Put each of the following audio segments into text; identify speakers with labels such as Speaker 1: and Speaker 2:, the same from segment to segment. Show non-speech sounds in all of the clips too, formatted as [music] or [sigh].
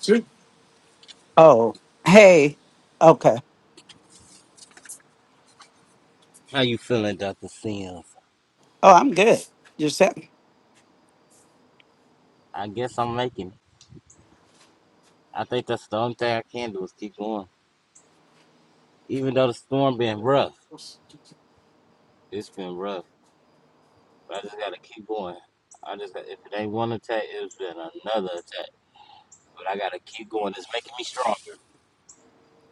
Speaker 1: Sure. Oh, hey. Okay. Oh, I'm good. You're set.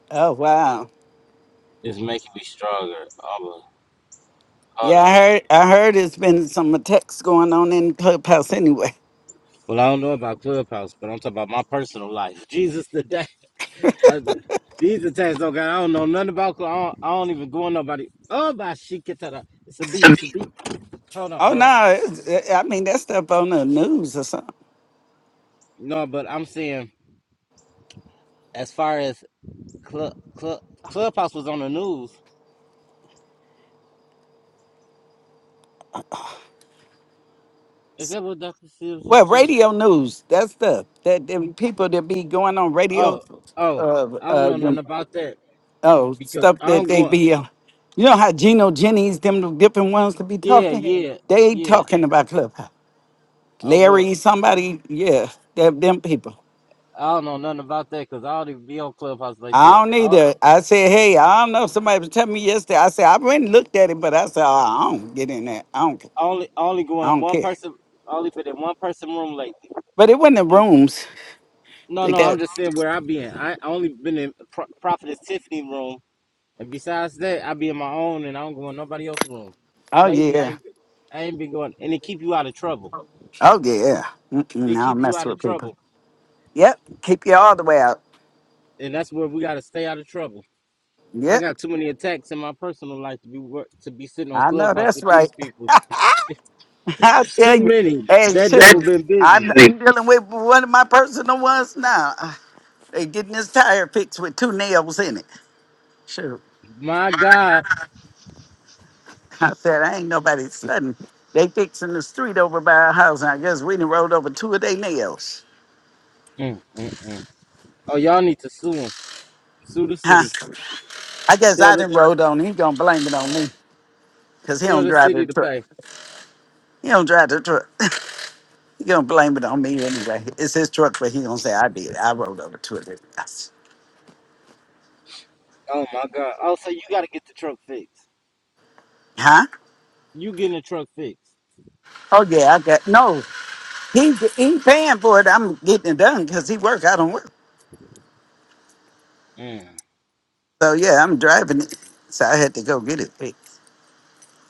Speaker 1: Oh, wow. Yeah, I heard. I heard it's been some attacks going on in Clubhouse anyway. [laughs] Oh no, it's, eh, I mean that stuff on the news or something. Well, radio news. That stuff that them people that be going on radio, uh, uh, them, oh stuff that they be. Uh, you know how Geno Jennings, them different ones to be talking. They talking about Clubhouse. Larry, somebody, yeah, them, them people. I don't need to. I said, hey, I don't know. Somebody was telling me yesterday. I said, I went and looked at it, but I said, oh, I don't get in that. I don't. I don't care. But it wasn't the rooms. They got. Oh yeah. Oh yeah. Mm-mm, I don't mess with people. Yep. Keep you all the way out. Yep. I know that's right. [laughs] I tell you. Hey, That's shoot. I'm, I'm dealing with one of my personal ones now. They getting this tire fixed with two nails in it. Shoot. I said, I ain't nobody sudden. They fixing the street over by our house, and I guess we done rolled over two of their nails. Huh? I guess I done rolled on. He gonna blame it on me, cause he don't drive the truck. He don't drive the truck. [laughs] he gonna blame it on me anyway. It's his truck, but he gonna say I did. I rolled over two of their nails. Huh? Oh yeah, I got no. He he paying for it. I'm getting it done, cause he work. I don't work. So yeah, I'm driving it. So I had to go get it fixed.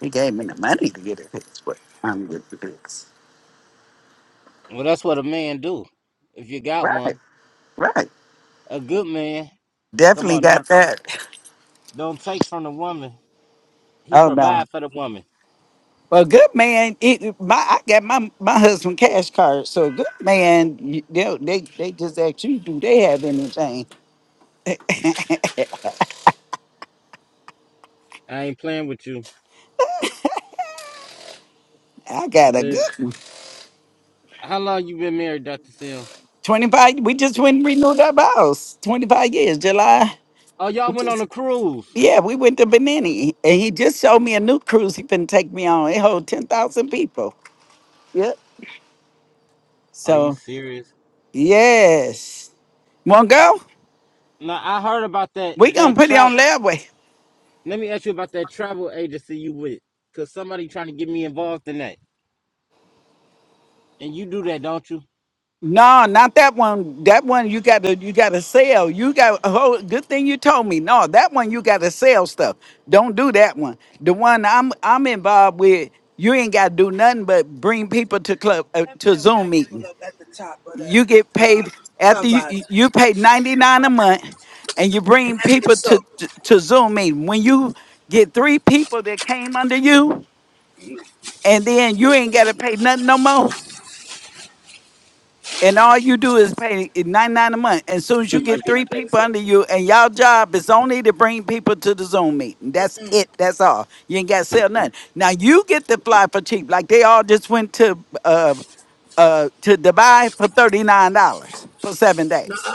Speaker 1: He gave me the money to get it fixed, but I'm good to do Right, right. Definitely got that. Oh no. Well, good man. It, my I got my my husband cash card. So a good man, you, they they they just ask you, do they have anything? I got a good one. Twenty five. We just went and renewed our house. Twenty five years, July. Yeah, we went to Benini, and he just showed me a new cruise he been take me on. It hold ten thousand people. Yep. So yes, want to go? We gonna put it on that way. No, not that one. That one you got to you got to sell. You got a whole good thing you told me. No, that one you got to sell stuff. Don't do that one. The one I'm I'm involved with, you ain't got to do nothing but bring people to club uh, to Zoom meeting. You get paid after you you you pay 99 a month and you bring people to to, to Zoom meeting. When you get three people that came under you and then you ain't got to pay nothing no more. and all you do is pay ninety nine a month. As soon as you get three people under you, and y'all job is only to bring people to the Zoom meeting. That's it. That's all. You ain't got to sell nothing. Now you get to fly for cheap, like they all just went to uh uh to Dubai for thirty nine dollars for seven days.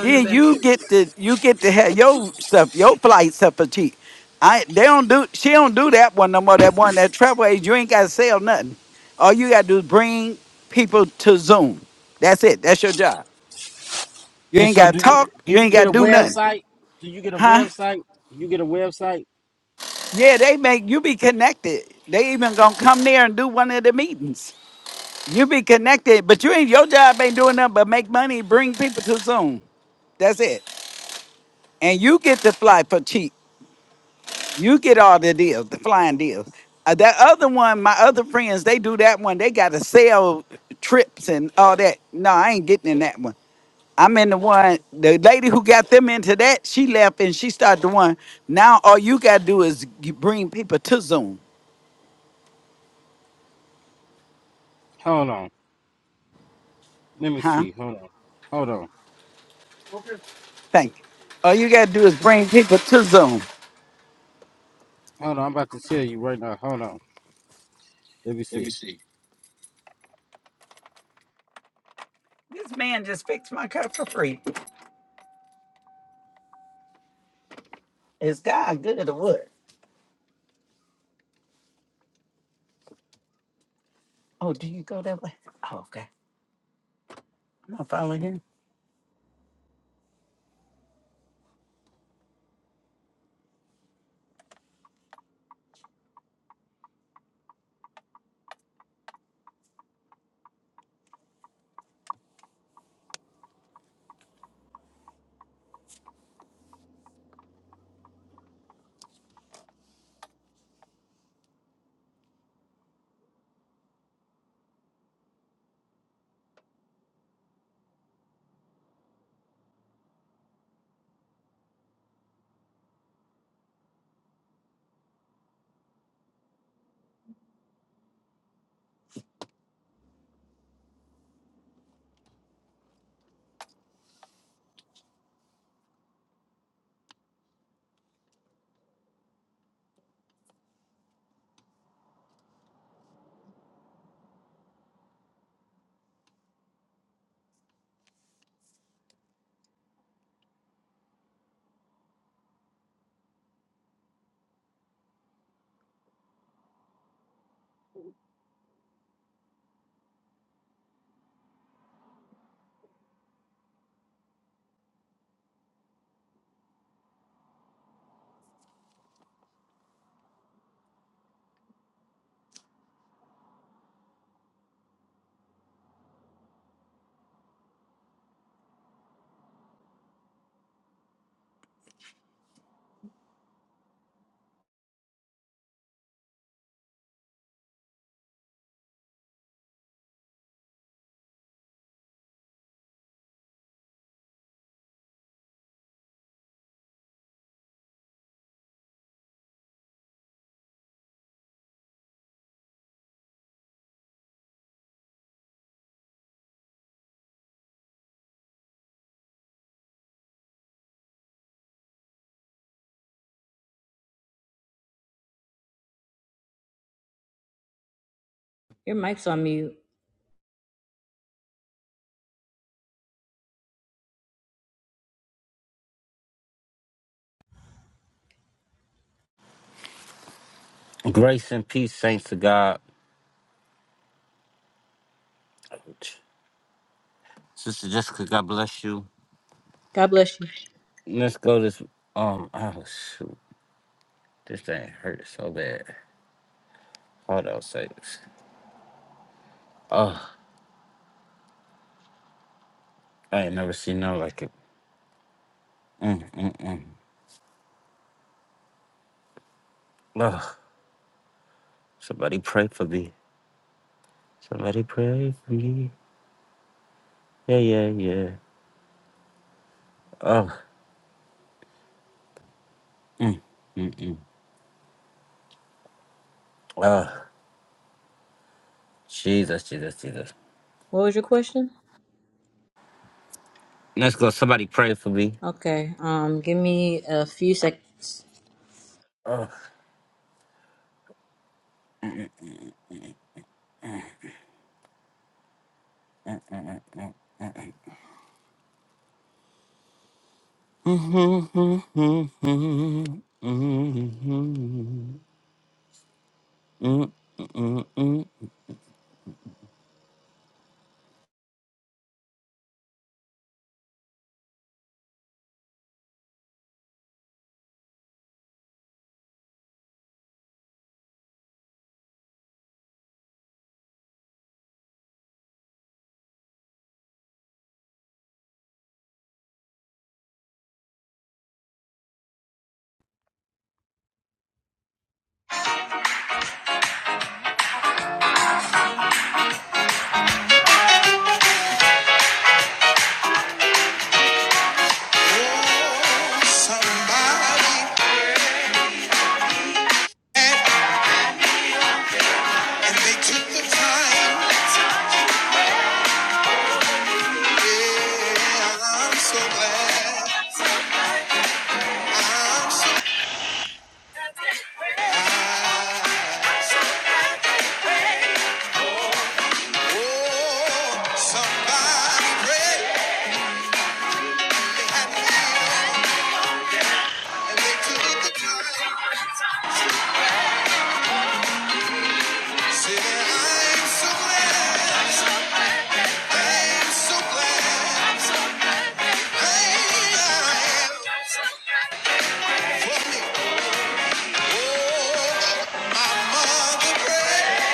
Speaker 1: Then you get to you get to have your stuff, your flights up a cheap. I they don't do she don't do that one no more. That one that travel agent, you ain't gotta sell nothing. All you gotta do is bring people to Zoom. That's it. That's your job. You ain't gotta talk. You ain't gotta do nothing, huh? Yeah, they make you be connected. They even gonna come there and do one of the meetings. You be connected, but you ain't your job ain't doing nothing but make money, bring people to Zoom. That's it. And you get to fly for cheap. You get all the deals, the flying deals. Uh, that other one, my other friends, they do that one. They got to sell trips and all that. No, I ain't getting in that one. I'm in the one. The lady who got them into that, she left and she started the one. Now all you gotta do is g- bring people to Zoom, huh? Thank you. All you gotta do is bring people to Zoom. This man just fixed my car for free. Is God good or what? Oh, do you go that way? Oh, okay. I'm gonna follow him.
Speaker 2: Your mic's on mute. God bless you. What was your question? Okay. Um, give me a few seconds. Oh, Somebody, and they took the time. Yeah, I'm so glad. Yeah, I'm so glad. Oh, somebody prayed at me, and they took the time. Said, I'm so glad. I'm so glad. I'm so glad. Oh, I'm so glad he prayed.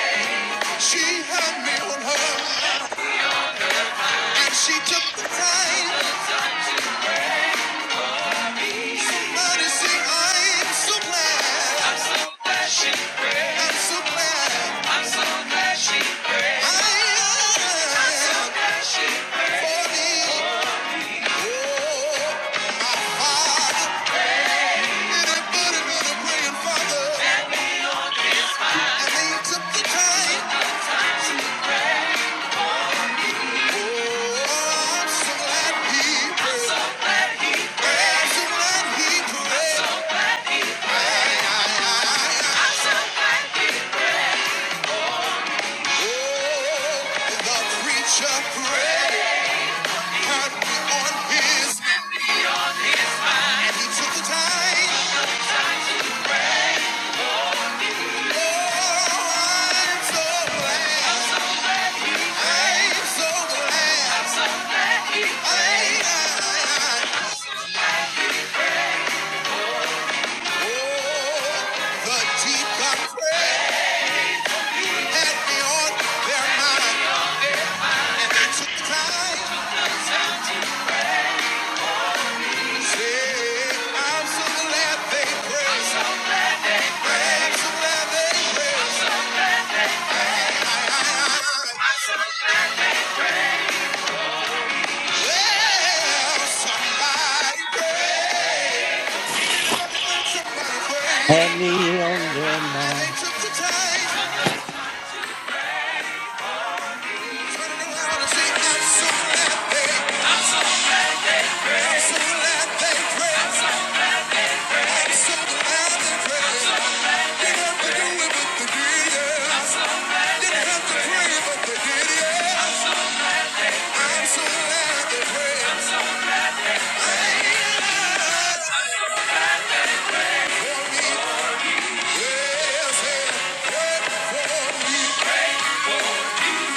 Speaker 2: I'm so glad he prayed. The preacher prayed, had me on his, and he took time. Oh, I'm so glad, I'm so glad, I, oh, the deep God prayed, had me on their mind, and they took time. Say, I'm so glad they prayed, I'm so glad they prayed. Yeah.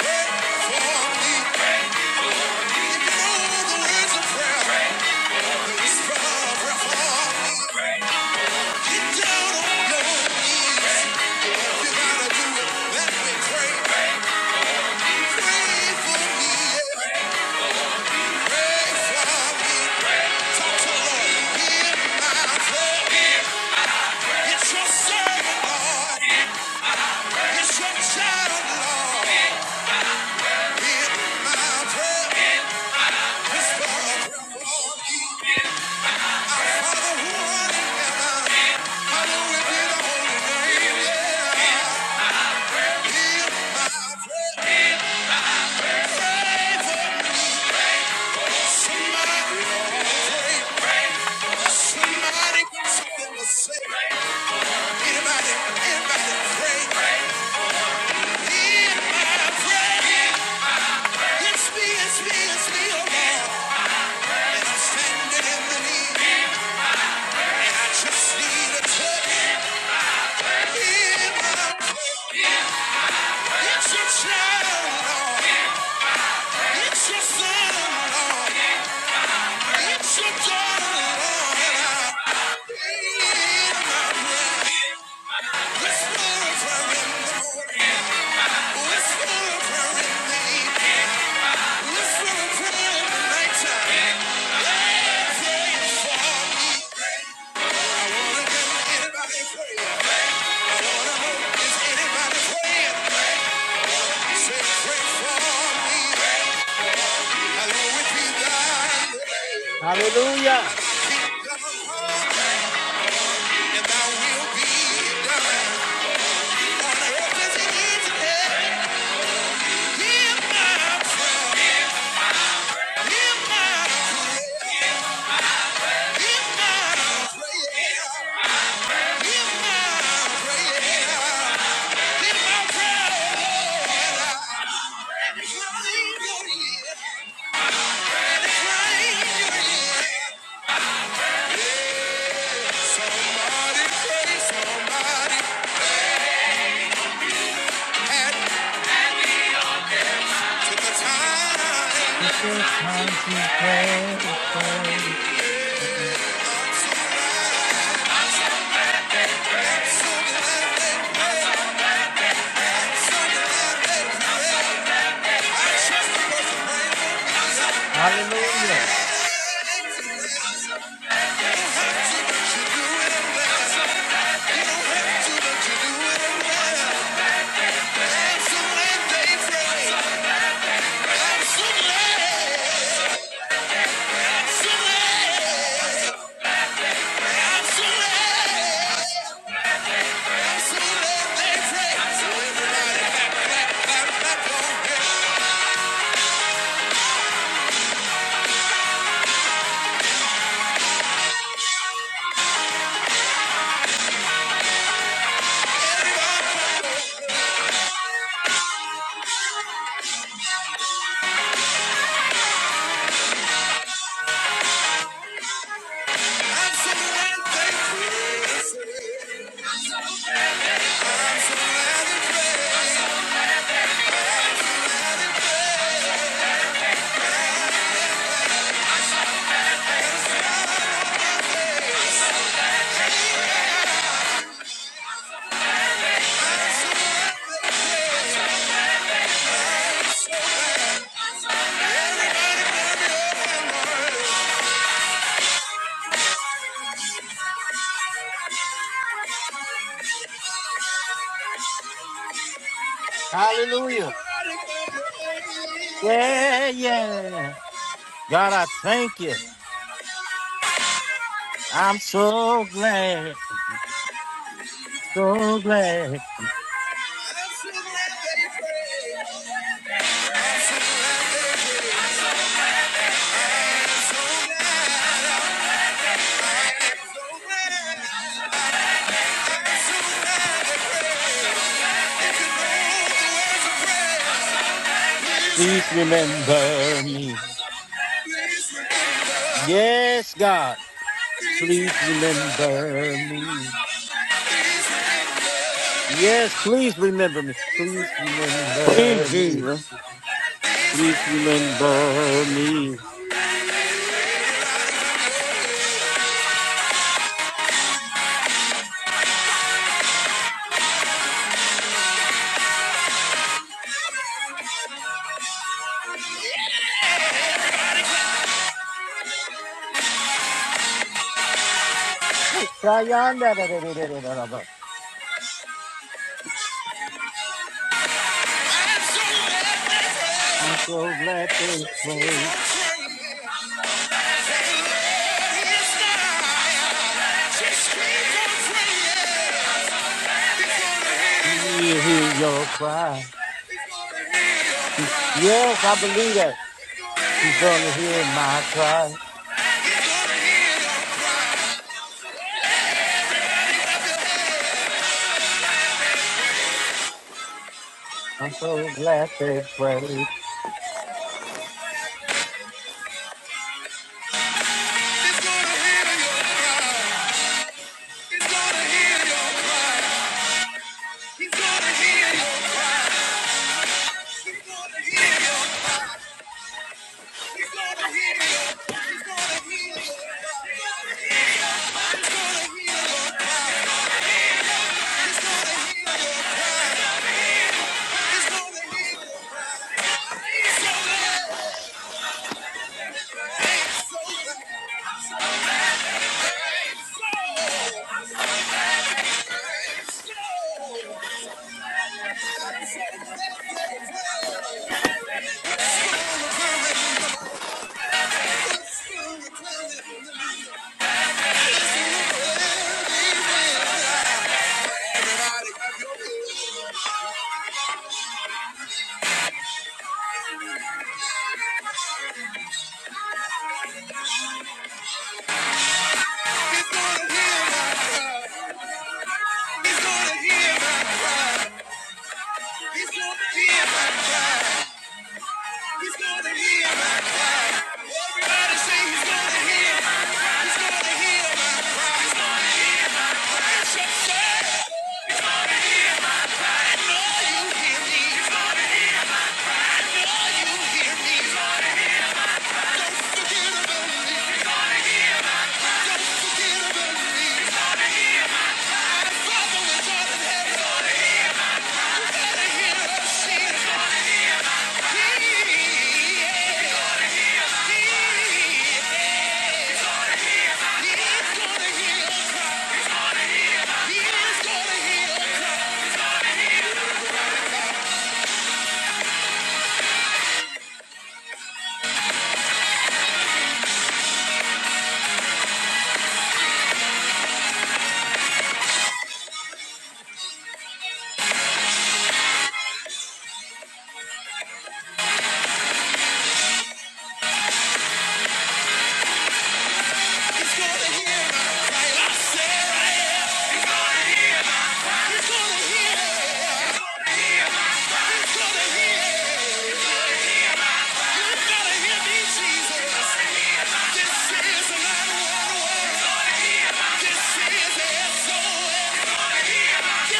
Speaker 2: Child, Lord, hear my prayer. Whisper a prayer for me. Just need a touch. Hear my prayer. It's a child. It's your son in It's your daughter-in-law. And I will be done. Somebody had to the time. I'm so glad they pray. I'm so glad they pray for me. Everybody pray. Just keep on praying.
Speaker 3: Praise Jesus.
Speaker 2: He's gonna hear your cry. He's gonna hear your cry. He's gonna heal your cry. Thank you. Hear me. This is a lot of water. This is SOS. Everybody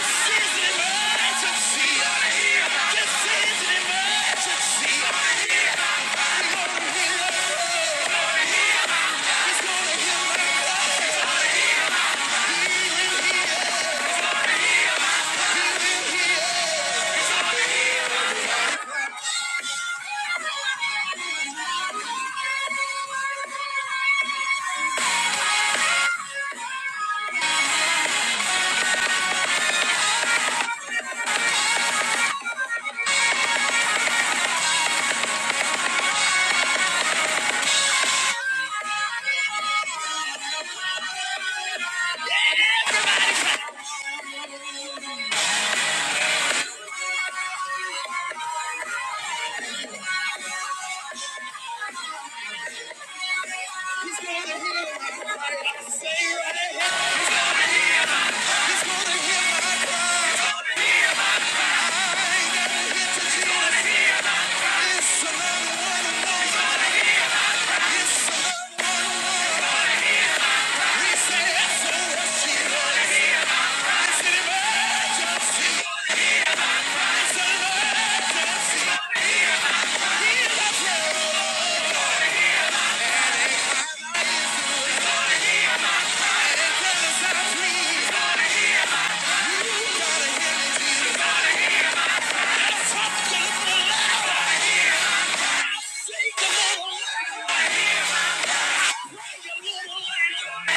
Speaker 2: clap. He's gonna hear my cry. I say right here. He's gonna hear my cry. I'm here to hear this. So now you wanna know. Yes, so now you wanna know. We say SOS Jesus. It's an emergency. It's an You gotta hear me, Jesus. I'm talking to the Lord. Say the Lord. gonna gonna hit hit hit my my my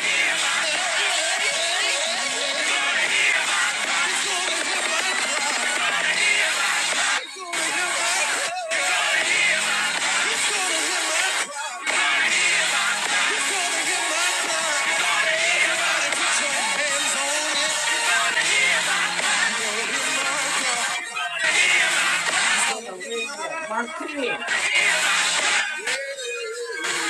Speaker 2: Yeah.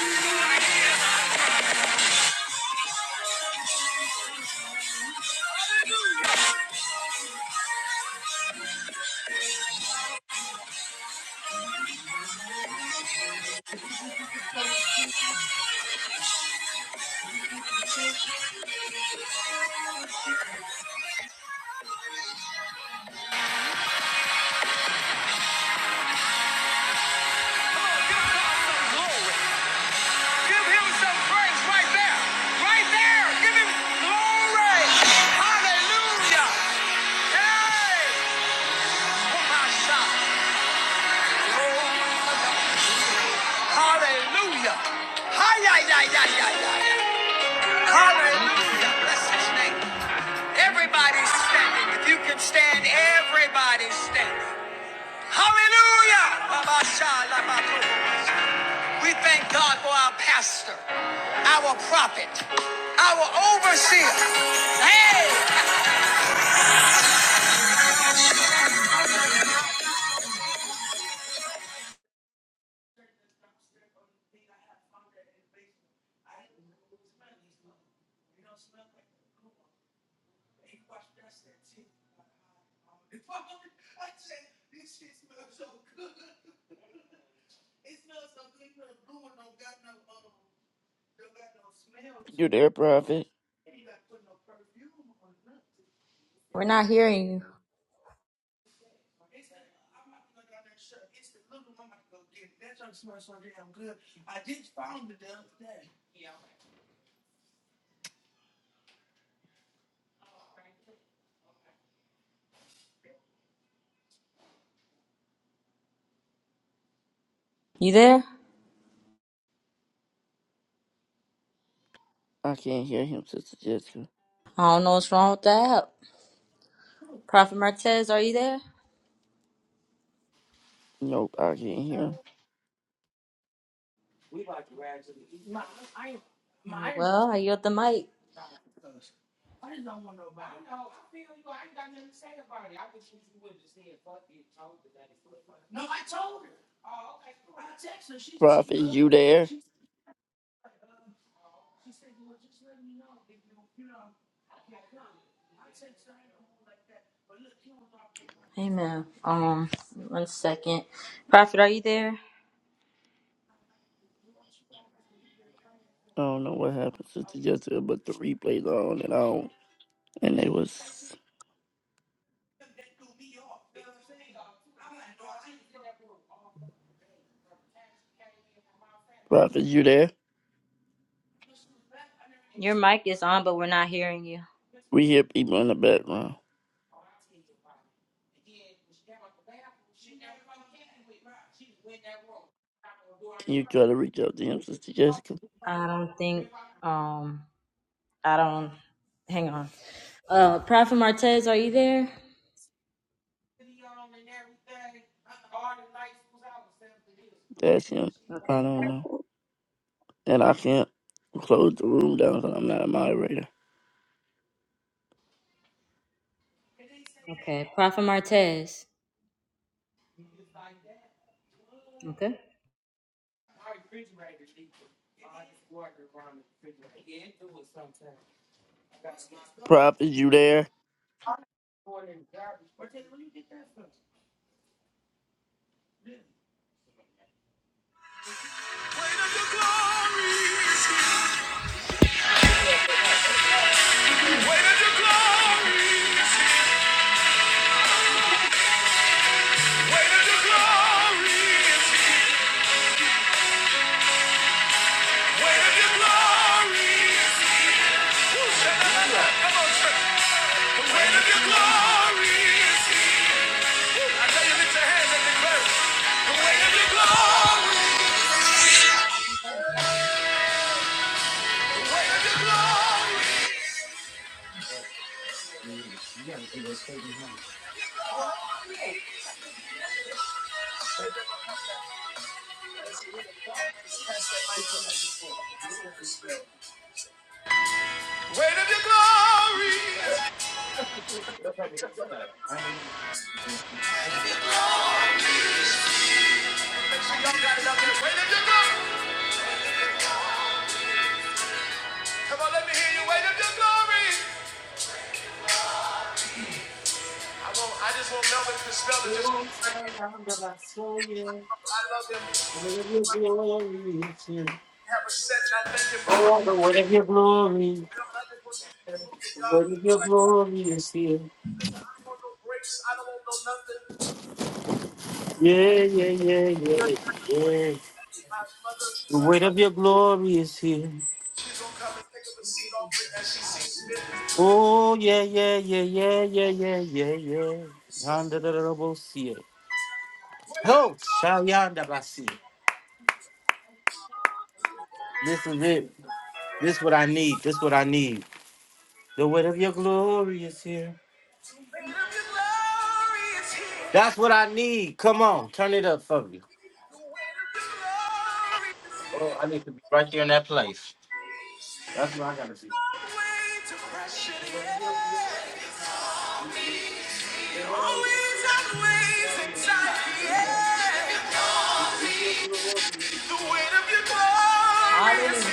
Speaker 2: Glory. Give him some praise right there. Right there. Give him glory. Hallelujah. Hey. Oh, my God. Hallelujah. hi Hallelujah. Bless his name. Everybody's standing. If you can stand, everybody's standing. Hallelujah. We thank God for our pastor, our prophet, our overseer. Hey!
Speaker 3: You there, Prophet?
Speaker 2: We're not hearing you. You there?
Speaker 3: I can't hear him, Sister Jessica.
Speaker 2: I don't know what's wrong with that. Prophet Martez, are you there?
Speaker 3: Nope, I can't hear him.
Speaker 2: All right, Well, I yield the mic.
Speaker 3: Prophet, you there?
Speaker 2: Amen. Um, one second. Prophet, are you there?
Speaker 3: I don't know what happened, Sister Jessica, but the replay's on and on. And they was, Prophet, you there?
Speaker 2: Your mic is on, but we're not hearing you.
Speaker 3: We hear people in the background. Can you try to reach out to him, Sister Jessica?
Speaker 2: I don't think. Um, I don't. Hang on. Uh, Prophet Martez, are you there?
Speaker 3: That's him. I
Speaker 2: Okay.
Speaker 3: don't know. And I can't close the room down because I'm not a moderator.
Speaker 2: Okay. Prophet Martez. Okay.
Speaker 3: Prophet, you there?
Speaker 2: Weight of your glory. Make sure y'all got it out there. Weight of your glory. Come on, let me hear you. Weight of your glory. I won't. I just want Melvin to spell it. Just I love him. Have a set. I thank him. for- Melvin, I just want you to be full of God. Listen, I don't want no breaks. I don't want no nothing. My mother, my, mother, she's gonna come and pick up a seat off me as she sees fit. Weight of your glory is here. The weight of your glory is here. No way to pressure the air. Always outweighs anxiety. Yeah. Glorious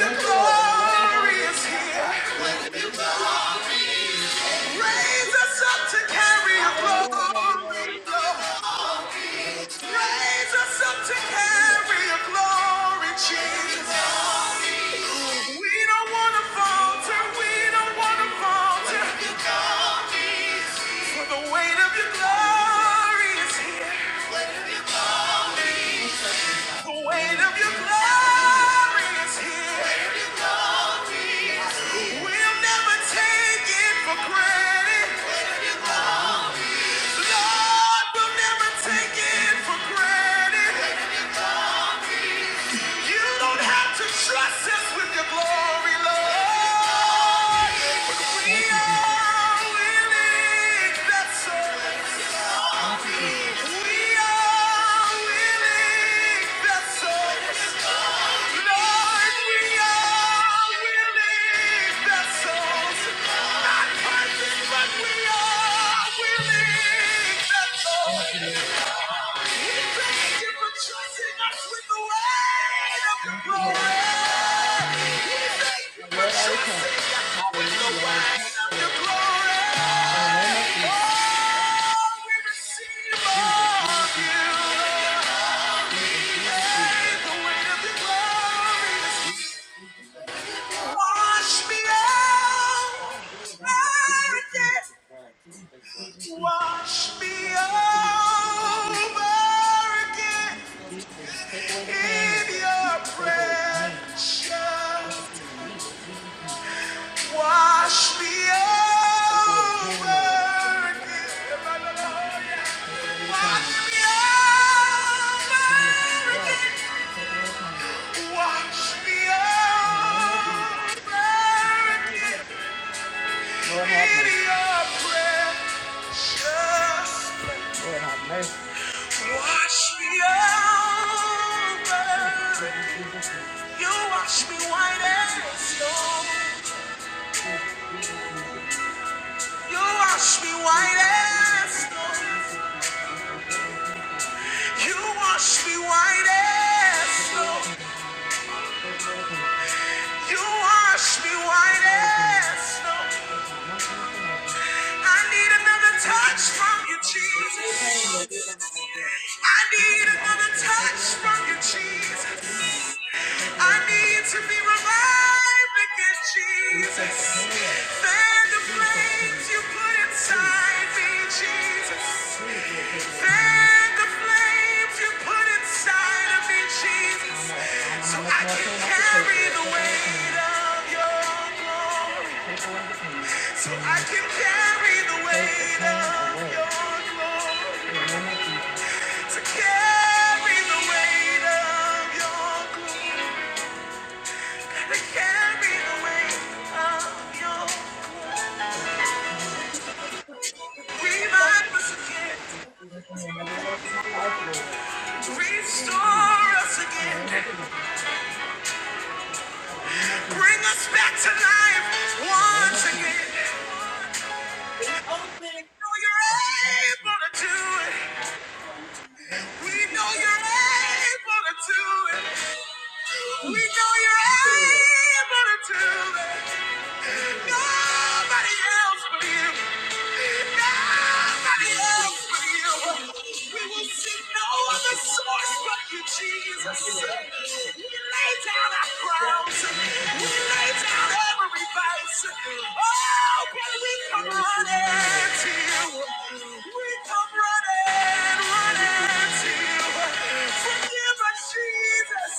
Speaker 2: your glory is here. Raise us up to carry your glory. Lord. Raise us up to carry your glory, Jesus. We don't want to falter. We don't want to falter. the weight of your glory is here. Weight of your glory is here. We'll never take it for granted. Lord, we'll never take it for granted. You don't have to trust us with your glory, Lord. We are willing vessels. We are willing vessels. Lord, we all will lift Not perfect, but we all will lift the souls. for trusting us with the weight of the glory. We thank for trusting us with the glory. we receive Wash me out. Wash me over again in your precious. Wash me over again. Wash me over again. Wash me over again in your precious. Wash me over. You wash me white as snow. You wash me white as snow. You wash me white as snow. You wash me white as snow. I need another touch from you, Jesus. I need another touch from you, Jesus. I need to be revived again, Jesus. Fan the flames you put inside me, Jesus. And the flames you put inside of me, Jesus, so I can carry the weight of your glory. So I can carry the weight of your glory. To carry the weight of your glory. To carry the weight of your glory. Revive us again. Restore us again. Bring us back to life once again. Jesus. We lay down our crowns. We lay down every vice. Oh, but we come running to you. We come running, running to you. Forgive us, Jesus.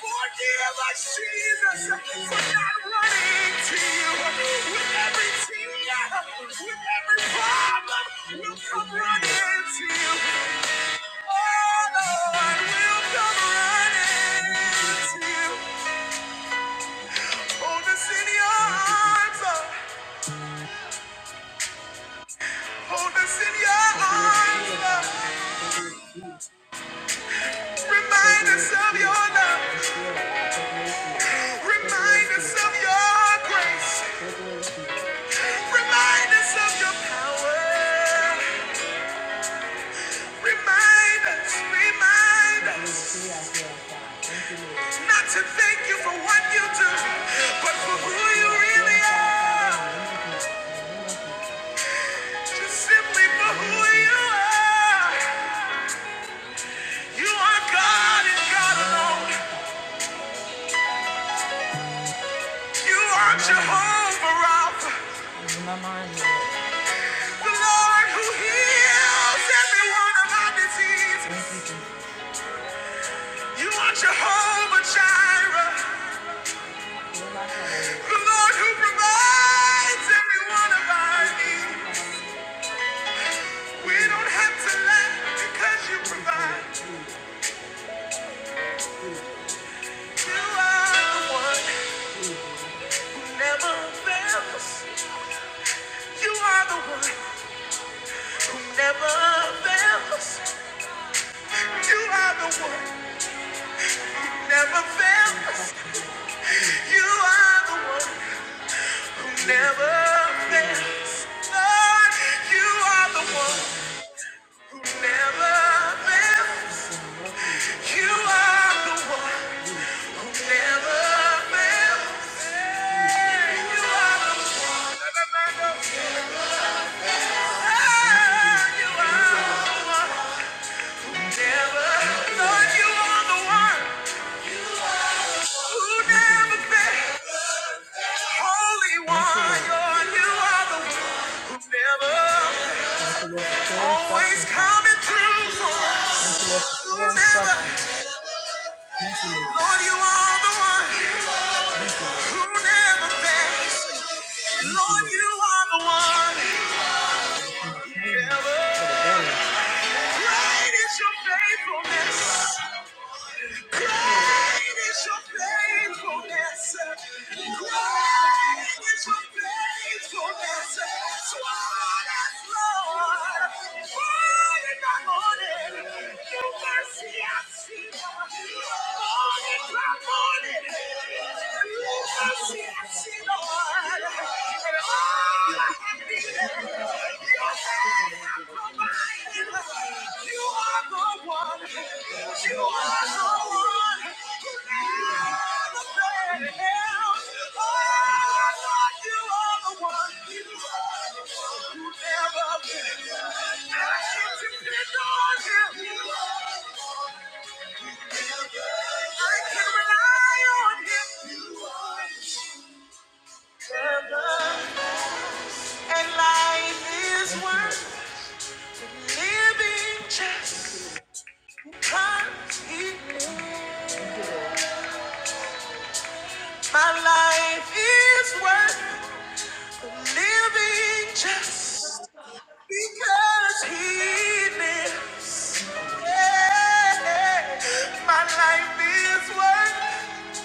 Speaker 2: Forgive us, Jesus, for not running to you. With every tear, with every problem, we'll come running to you. Oh, Lord, we'll come running to you. Hold us in your arms, Lord. hold us in your arms. Lord. Remind us of your love. Remind us of your grace. Remind us of your power. Remind us, remind us not to thank you for what you do, but for who you really are. Just simply for who you are. You are God and God alone. You are Jehovah Rapha, the Lord who heals every one of our diseases. You are Jehovah Jireh, the Lord who provides every one of our needs. We don't have to lack because you provide. You are the one who never fails. us. You are the one who never fails. us. You are the one who never fails. us. You are the one who never fails. us. Lord, you are the one who never fails. us. Ah, Lord, you are the one who never fails. Always coming through for us. Who never. Lord, you are the one. who never fails. Lord, you are the one. Great is your faithfulness. Great is your faithfulness. Great is your faithfulness. Toward us, Lord. Morning by morning, your mercy I see. You are the one who never fails. I can rely on him. You never. And life is worth living just because he is. My life is worth living just because he lives. Yeah. My life is worth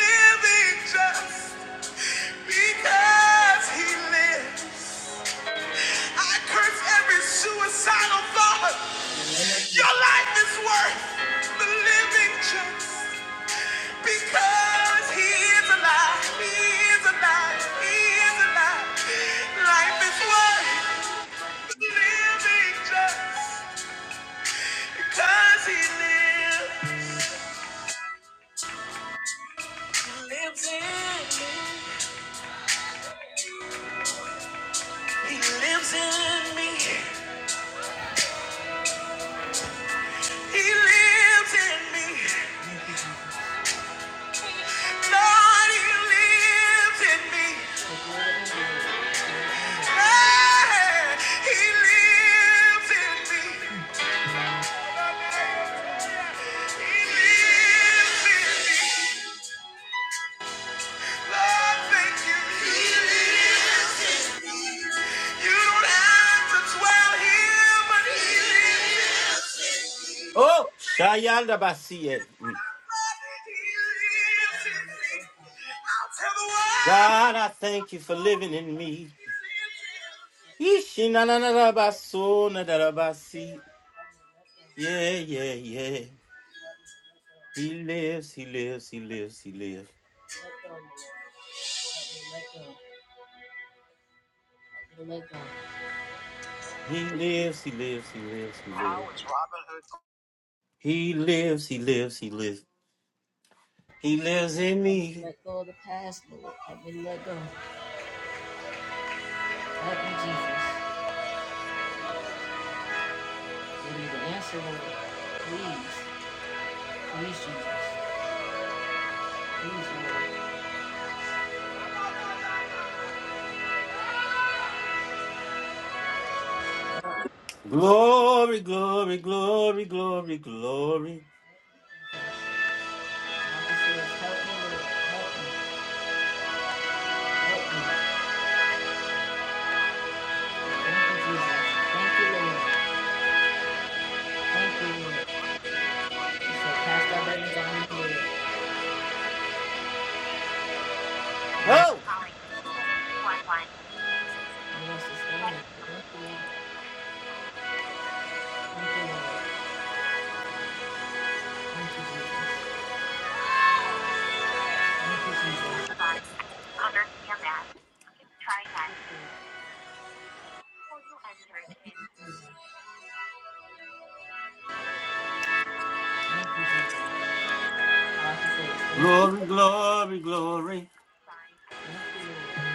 Speaker 2: living just because he lives. I curse every suicidal thought. Your life is worth the living just because he is alive. He is alive. He is alive. Life is worth the living just because he lives. Lives in me. He lives in me. He lives in me. Lord, he lives in me. Let go. Help me let go of the past, Lord. Help me let go. Help me, Jesus. Give me the answer, Lord. Please. Please, Jesus. Please, Lord. Like I said, help me, Lord. Help me. Help me. Thank you, Jesus. Thank you, Lord. Thank you. So cast thy burdens on me, Lord. You sustain us. Thank you. Thank you, Lord. Thank you, Jesus. Jesus, Thank say thank you. Thank you, Lord.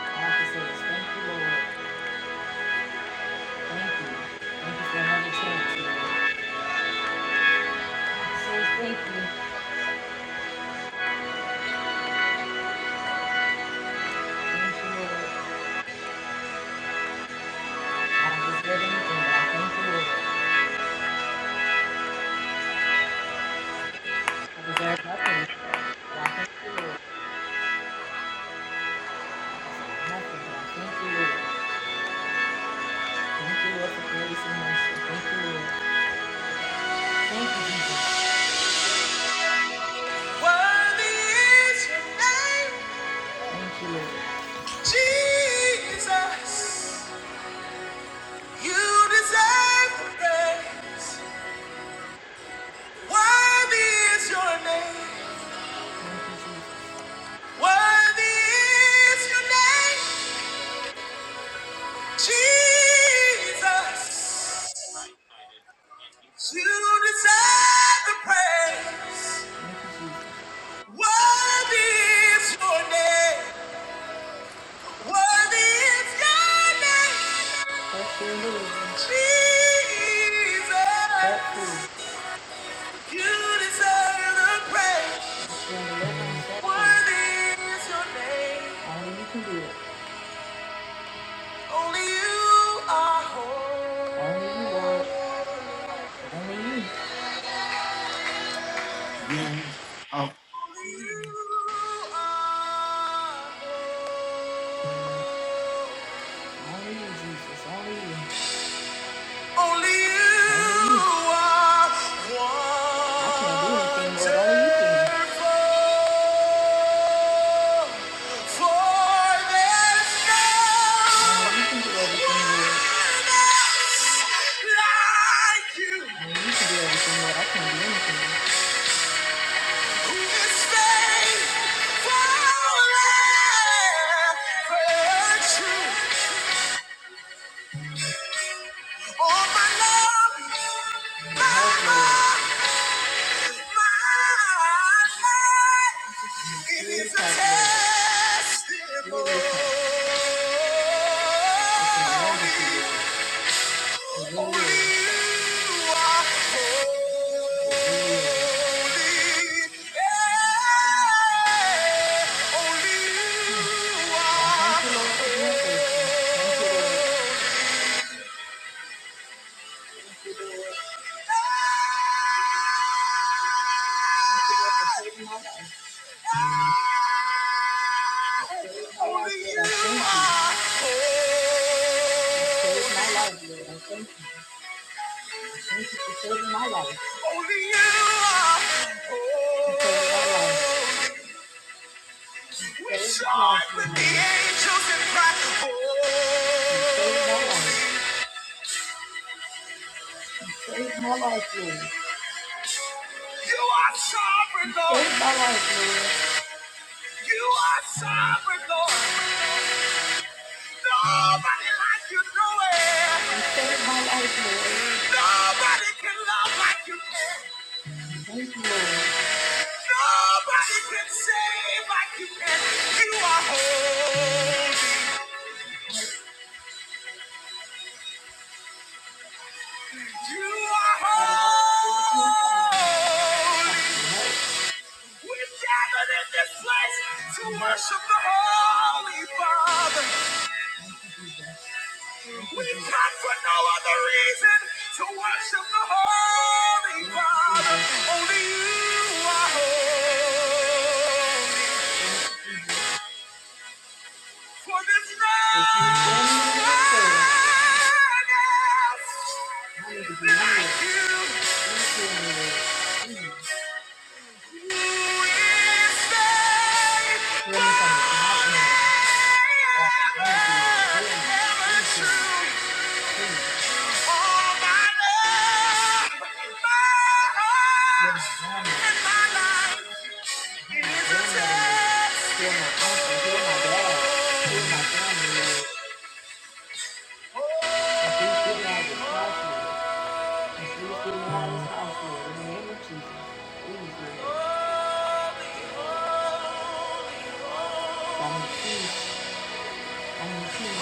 Speaker 2: All I say thank you, Lord. Thank you. Thank you for another chance, So thank you. Thank you, Lord. I don't deserve anything, but I thank you, I deserve nothing, but I thank you, Nothing, but I thank you, Thank you, for grace and mercy. Thank you, Thank you, Jesus. Jesus, you deserve the praise. Worthy is your name. Worthy is your name. Jesus, you deserve the praise. Your name. Jesus, worthy is your name. Only you can do it. Only you. are holy. Only you, Lord. Only you. Only you, Jesus. Only you. Only you. I can't do anything, Lord. Only you can. Only you can do everything, Lord. Help, Lord. Purify, Lord. Purify. Purify us. I thank you. I thank Only you are. We shine with the angels and cry. Holy. You are sovereign, Lord. You are sovereign, Lord. Nobody like you nowhere. Nobody can love like you can. Nobody can save like you can. You are holy. You are holy. We gathered in this place to worship the Holy Father. We come for no other reason to worship the Holy Father. Only you are holy. For this night.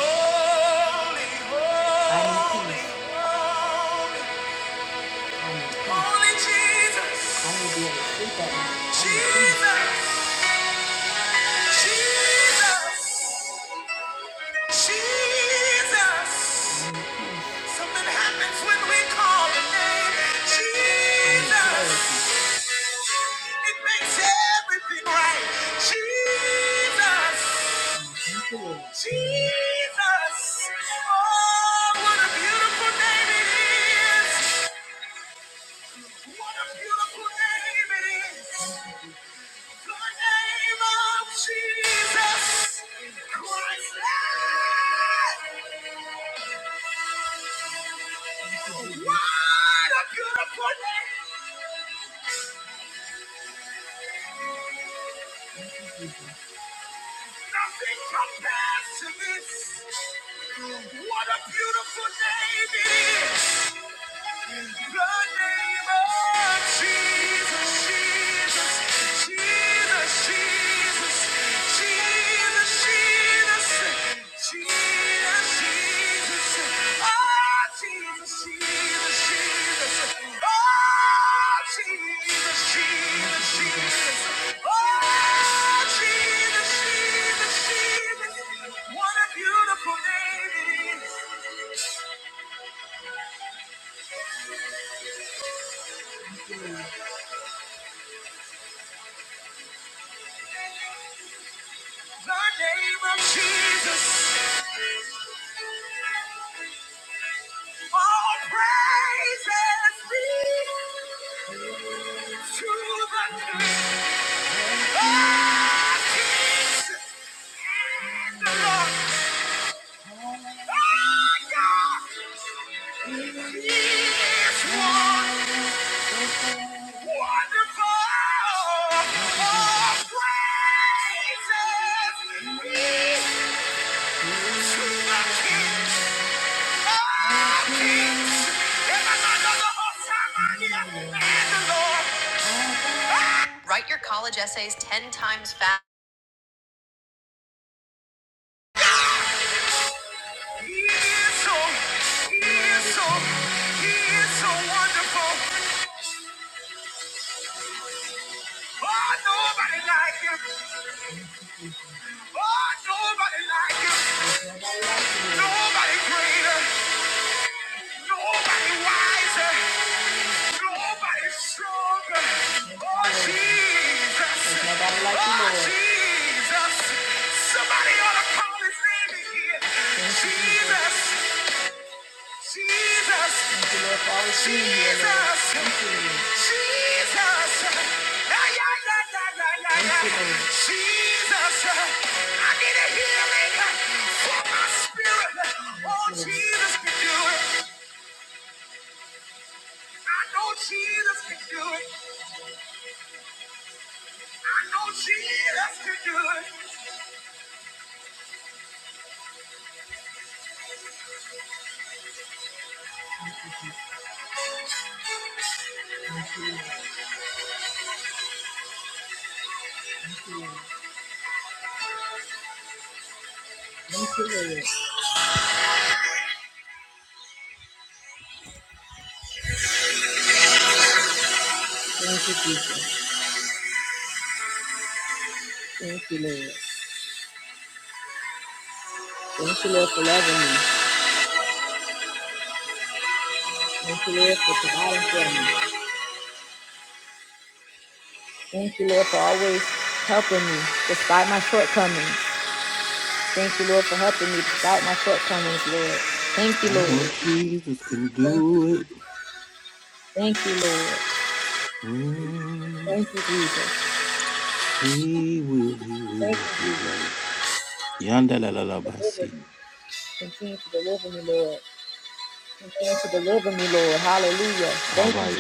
Speaker 2: Holy, holy, holy, holy Jesus. Jesus, Jesus, Jesus. Something happens when we right. Oh, what a beautiful name it is. What a beautiful name it is. The name of Jesus What a beautiful name. Nothing compares to this. What a beautiful name it is. The name of Jesus, Jesus, Jesus, Jesus, Jesus, Jesus, Jesus, Jesus. Write your college essays 10 times fast. He is so, he is so, he is so wonderful. Oh, nobody like him. Oh, nobody like you. Nobody greater. Nobody wiser. Nobody stronger. Oh, Jesus. like Oh, Jesus. Somebody ought to call his name in Jesus. Jesus. Jesus, Jesus, Ay, ay, ay, ay, ay, ay, ay. Jesus, I need a healing for my spirit. Oh, Jesus can do it. I know Jesus can do it. I know Jesus can do it. Thank you, Lord. Thank you, Jesus. Thank you, Lord. Thank you, Lord, for loving me. Thank you, Lord, for providing for me. Thank you, Lord, for always helping me despite my shortcomings. Thank you, Lord, for helping me despite my shortcomings, Lord. Thank you, Lord. Thank you, thank you Lord. Thank you, Jesus. Thank you, Jesus. Deliver me. Continue to deliver me, Lord. Continue to deliver me, Lord. Hallelujah. Thank you, Jesus.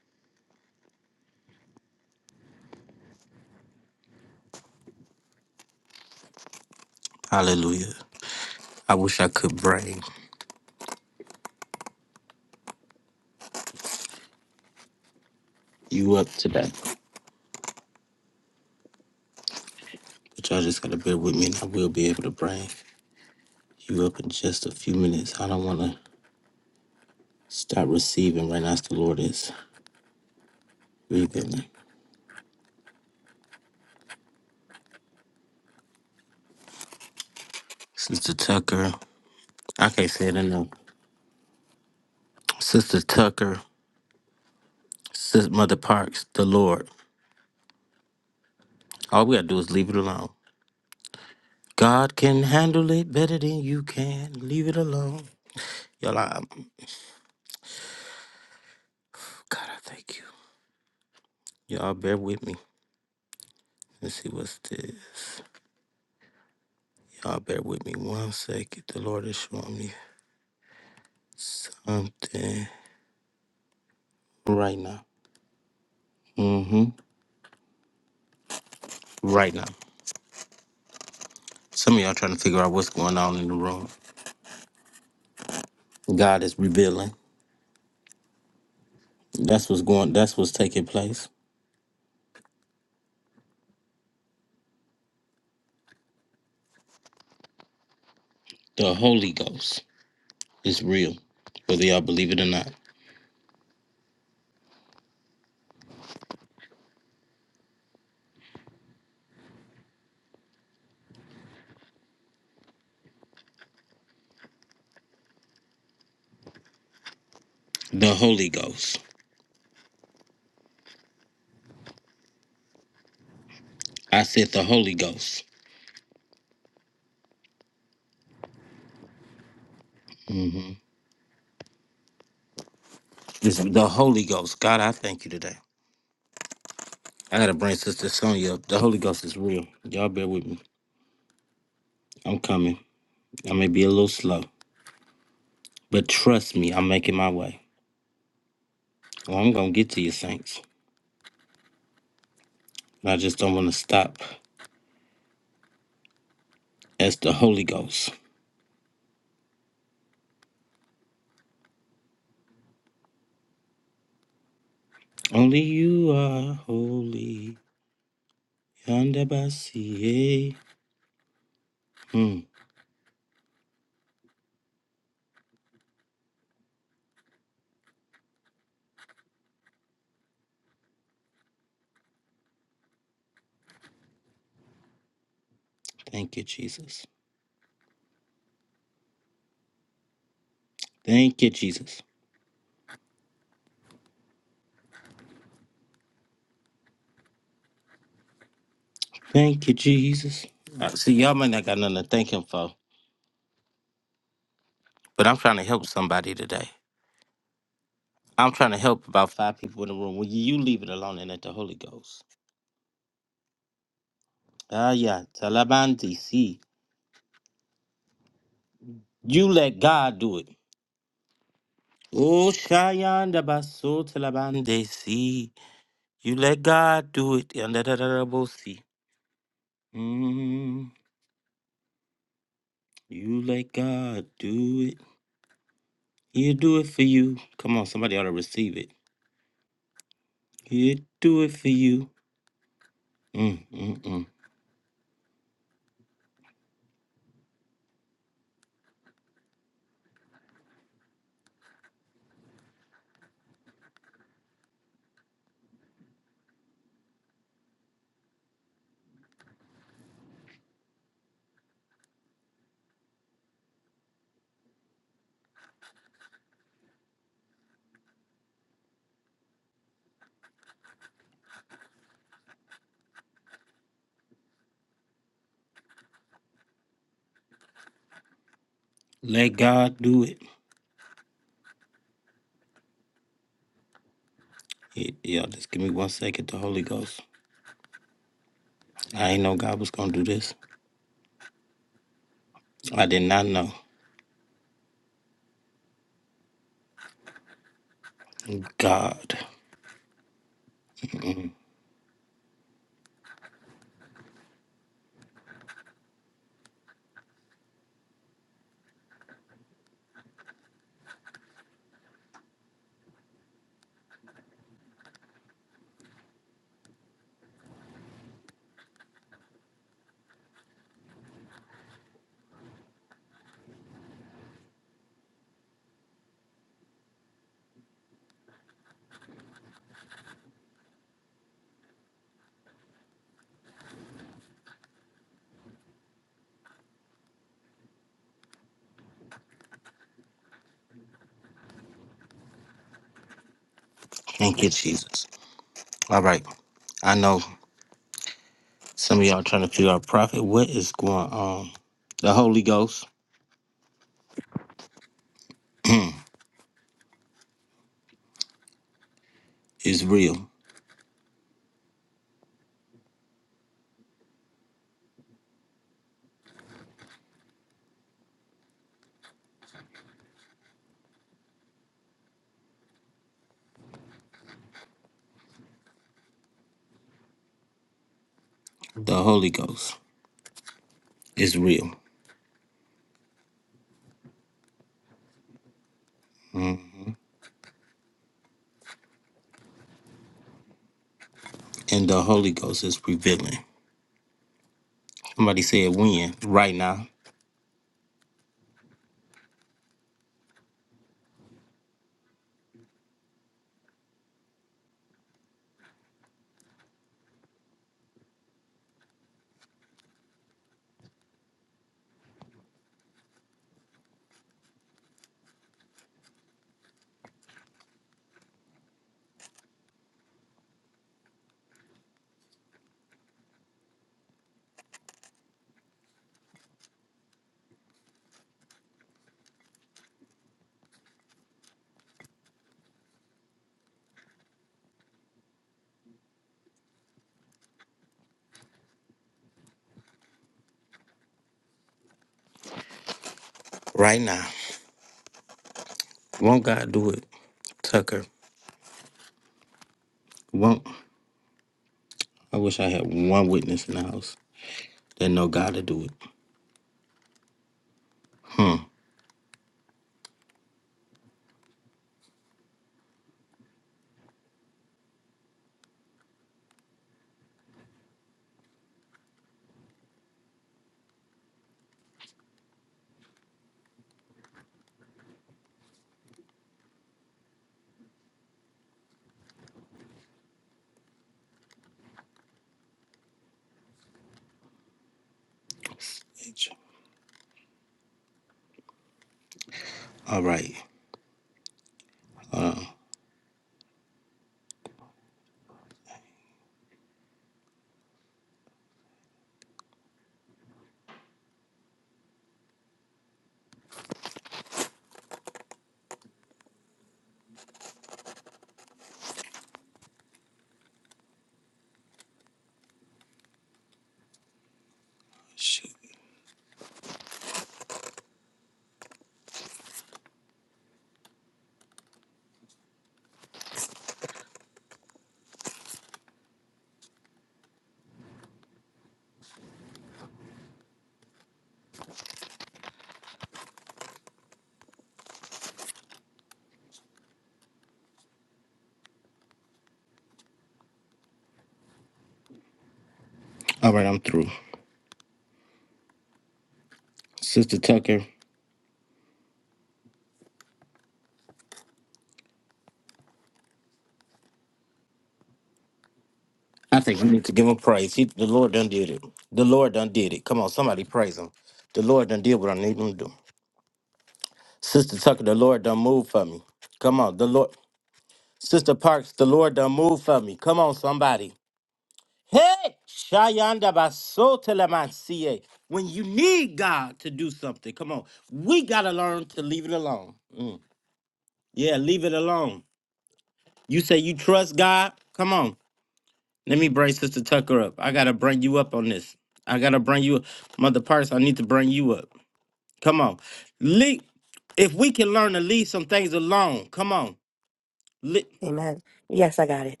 Speaker 4: Amen. Yes, I got it.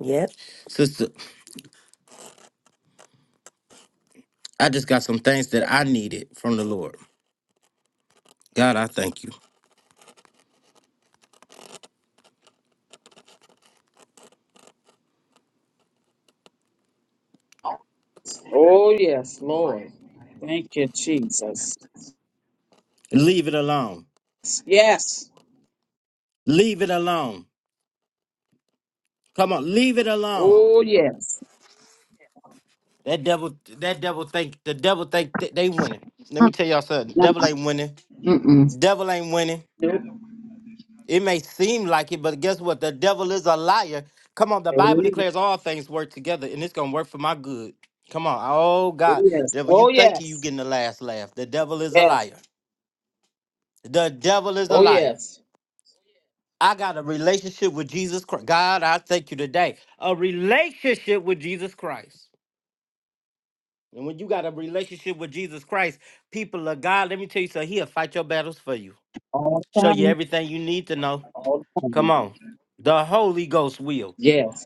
Speaker 4: Yep.
Speaker 5: Oh, yes, Lord. Thank you, Jesus. Yes. Oh, yes. Mm-mm. Nope. Oh, yes. Oh, yes. Yes. Oh, yes. All the time. All the time. Yes.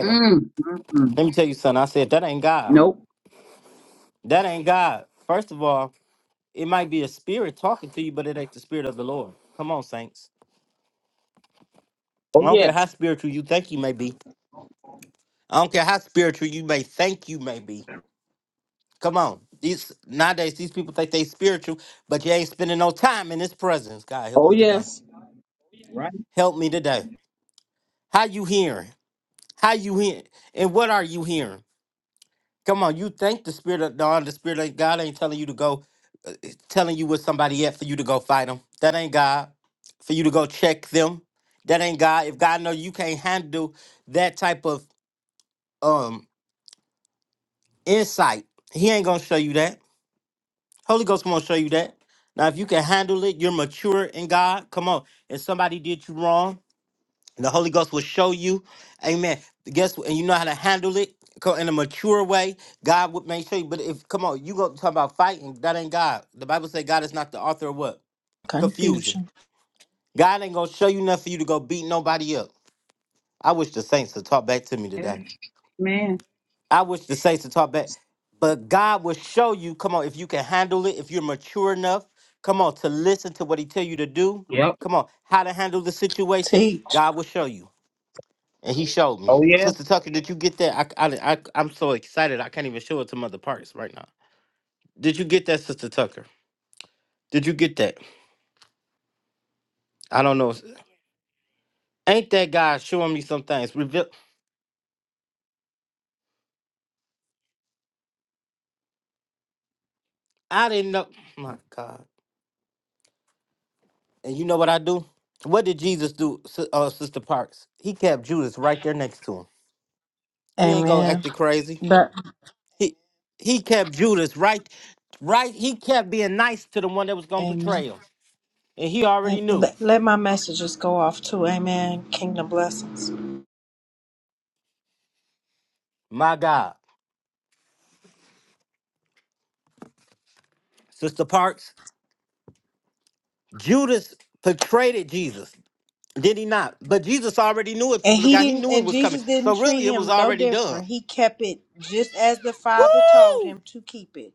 Speaker 5: Mm, mm-mm. Nope. Oh, yes. Oh, yes. Right.
Speaker 6: confusion.
Speaker 5: Man. Yep.
Speaker 6: Teach.
Speaker 5: Oh, yes.
Speaker 6: Amen. But Amen. Am- Let, let my messages go off too. Amen. Kingdom blessings. And he didn't and Jesus didn't treat him no different. He kept it just as the Father told him to keep it.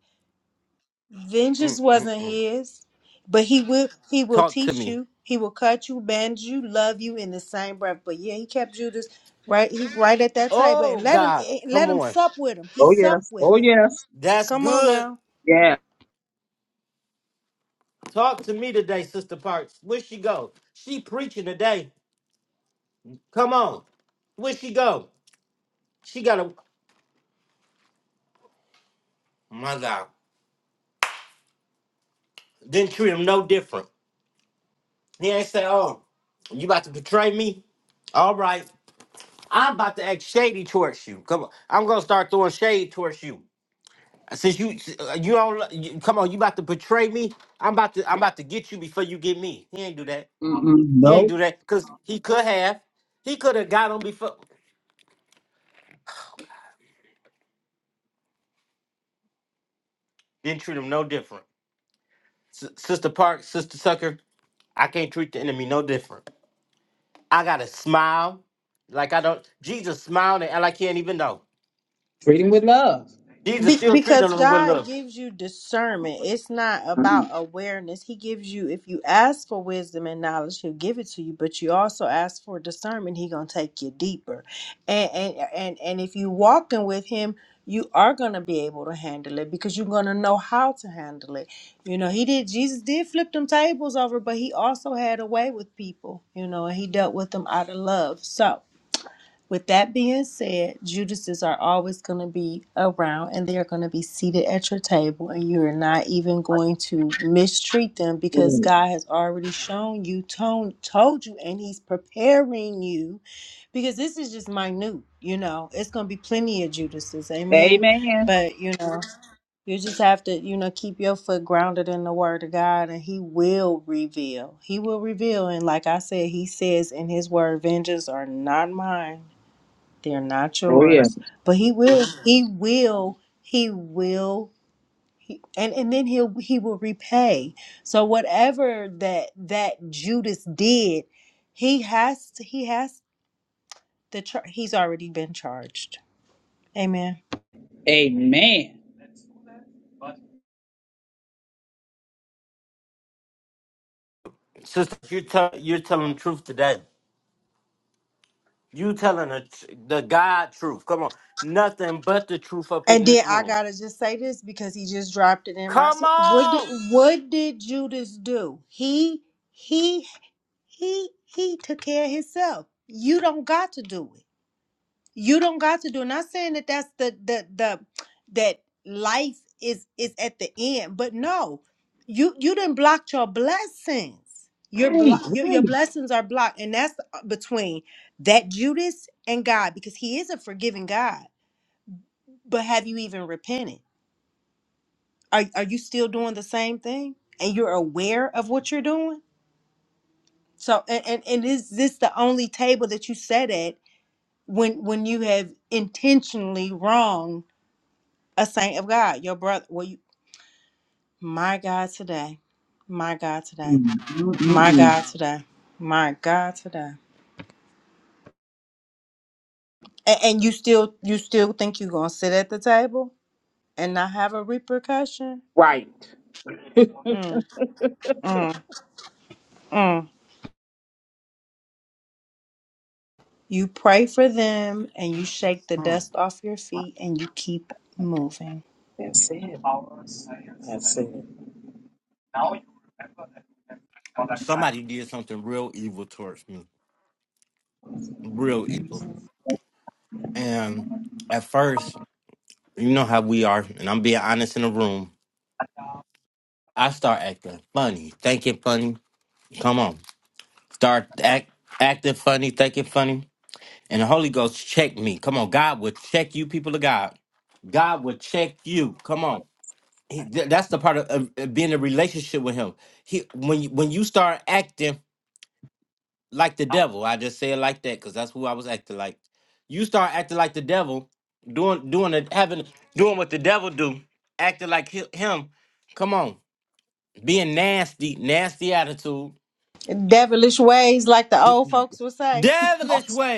Speaker 6: Vengeance wasn't his, but he will he will teach you. He will cut you, bend you, love you in the same breath. But yeah, he kept Judas right he right at that table and let him let him sup with him. He
Speaker 5: Oh,
Speaker 6: supped
Speaker 5: yes.
Speaker 6: with
Speaker 5: Oh,
Speaker 6: him.
Speaker 5: yes.
Speaker 6: Come on now.
Speaker 5: Yeah. Mm-mm. Nope. Treating with love.
Speaker 6: Be- because God gives you discernment. It's not about
Speaker 5: Mm.
Speaker 6: awareness. He gives you, if you ask for wisdom and knowledge, He'll give it to you. But you also ask for discernment. He gonna take you deeper, and and and and if you walking with Him, you are gonna be able to handle it because you're gonna know how to handle it. You know, He did. Jesus did flip them tables over, but He also had a way with people. You know, and He dealt with them out of love. So. With that being said, Judases are always going to be around and they're going to be seated at your table, and you're not even going to mistreat them because
Speaker 5: Mm.
Speaker 6: God has already shown you, told, told you, and He's preparing you because this is just minute. You know, it's going to be plenty of Judases. Amen.
Speaker 5: Amen.
Speaker 6: But, you know, you just have to, you know, keep your foot grounded in the word of God and he will reveal. He will reveal. And like I said, he says in his word, vengeance are not mine. They're not
Speaker 5: Oh, yeah.
Speaker 6: yours. But he will Mhm. he will he will he, and and then he'll he will repay. So whatever that that Judas did, he has to, he has the char- he's already been charged. Amen.
Speaker 5: Amen.
Speaker 6: And then I gotta just say this because he just dropped it in my. se- What did, what did Judas do? He he he he took care of himself. You don't got to do it. You don't got to do. Not saying that that's the the the that life is is at the end, but no, you you didn't block your blessings. Your
Speaker 5: Right,
Speaker 6: block your, your
Speaker 5: right.
Speaker 6: blessings are blocked, and that's uh, between that Judas and God because He is a forgiving God. But have you even repented? Are are you still doing the same thing? And you're aware of what you're doing? So and and, and is this the only table that you sat at when when you have intentionally wronged? a saint of God, your brother. Well, you, my God today, my God today,
Speaker 5: Mm, mm, mm,
Speaker 6: my
Speaker 5: mm.
Speaker 6: God today, my God today. And, and you still, you still think you're gonna sit at the table and not have a repercussion?
Speaker 5: Right.
Speaker 6: Mm, mm, mm. You pray for them and you shake the dust off your feet and you keep moving.
Speaker 5: That's it. That's it.
Speaker 6: Devilish ways, like the old folks would say. [laughs]
Speaker 5: Oh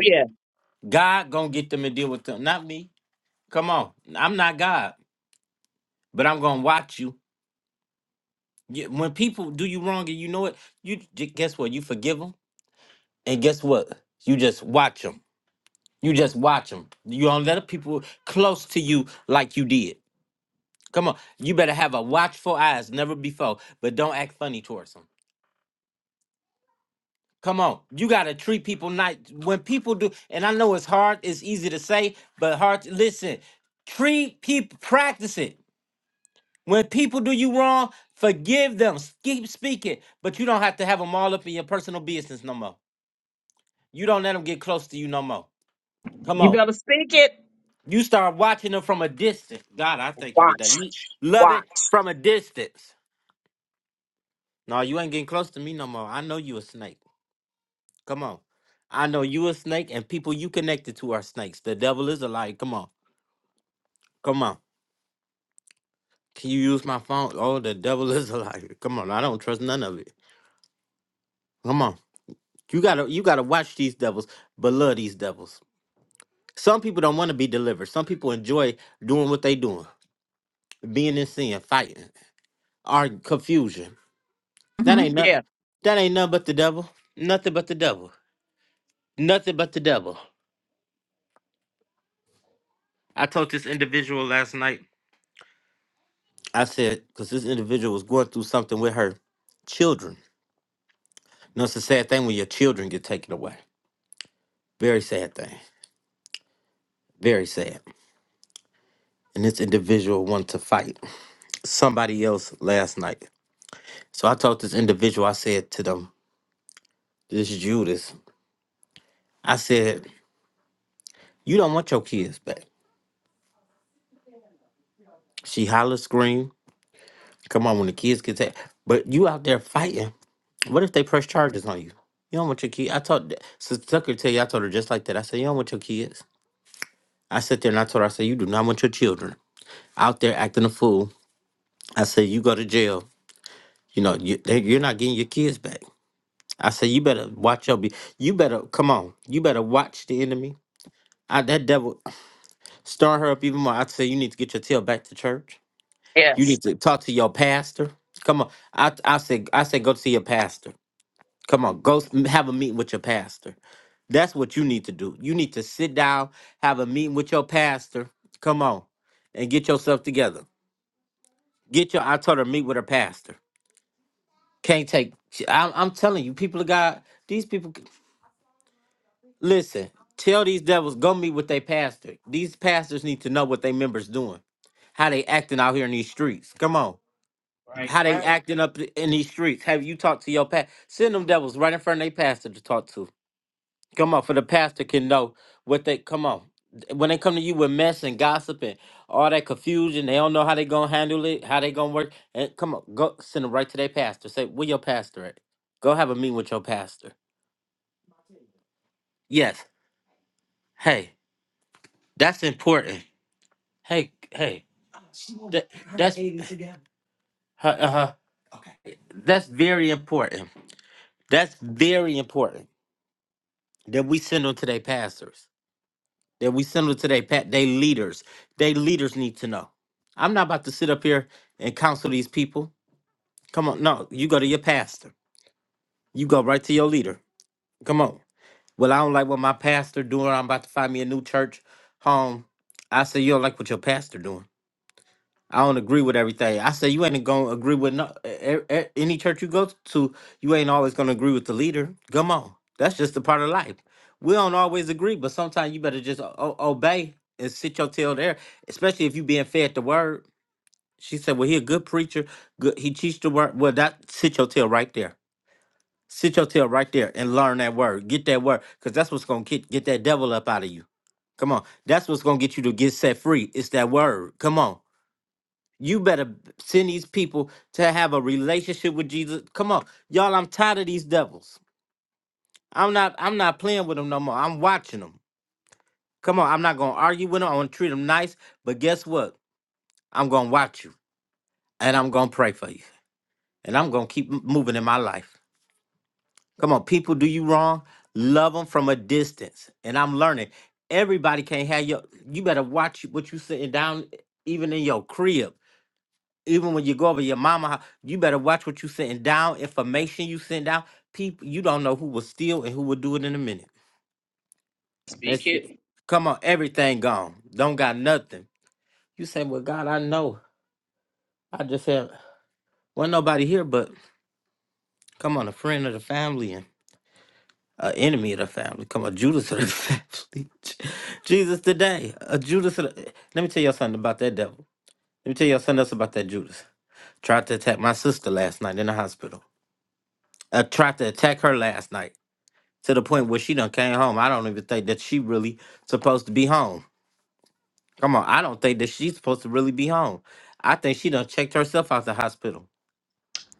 Speaker 5: yeah. You better speak it. Watch. Watch. hmm Yeah. Yes. Right, right. Speak it.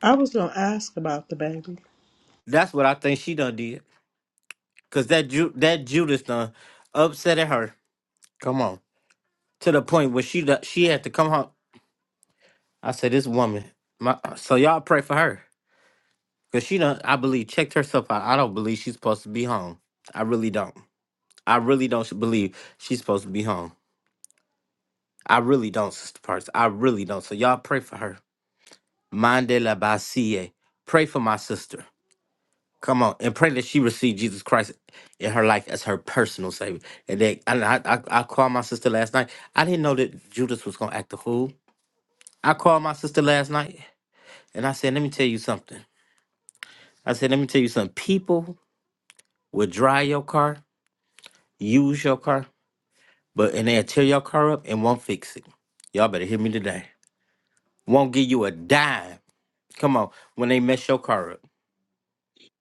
Speaker 6: I was gonna ask about the baby.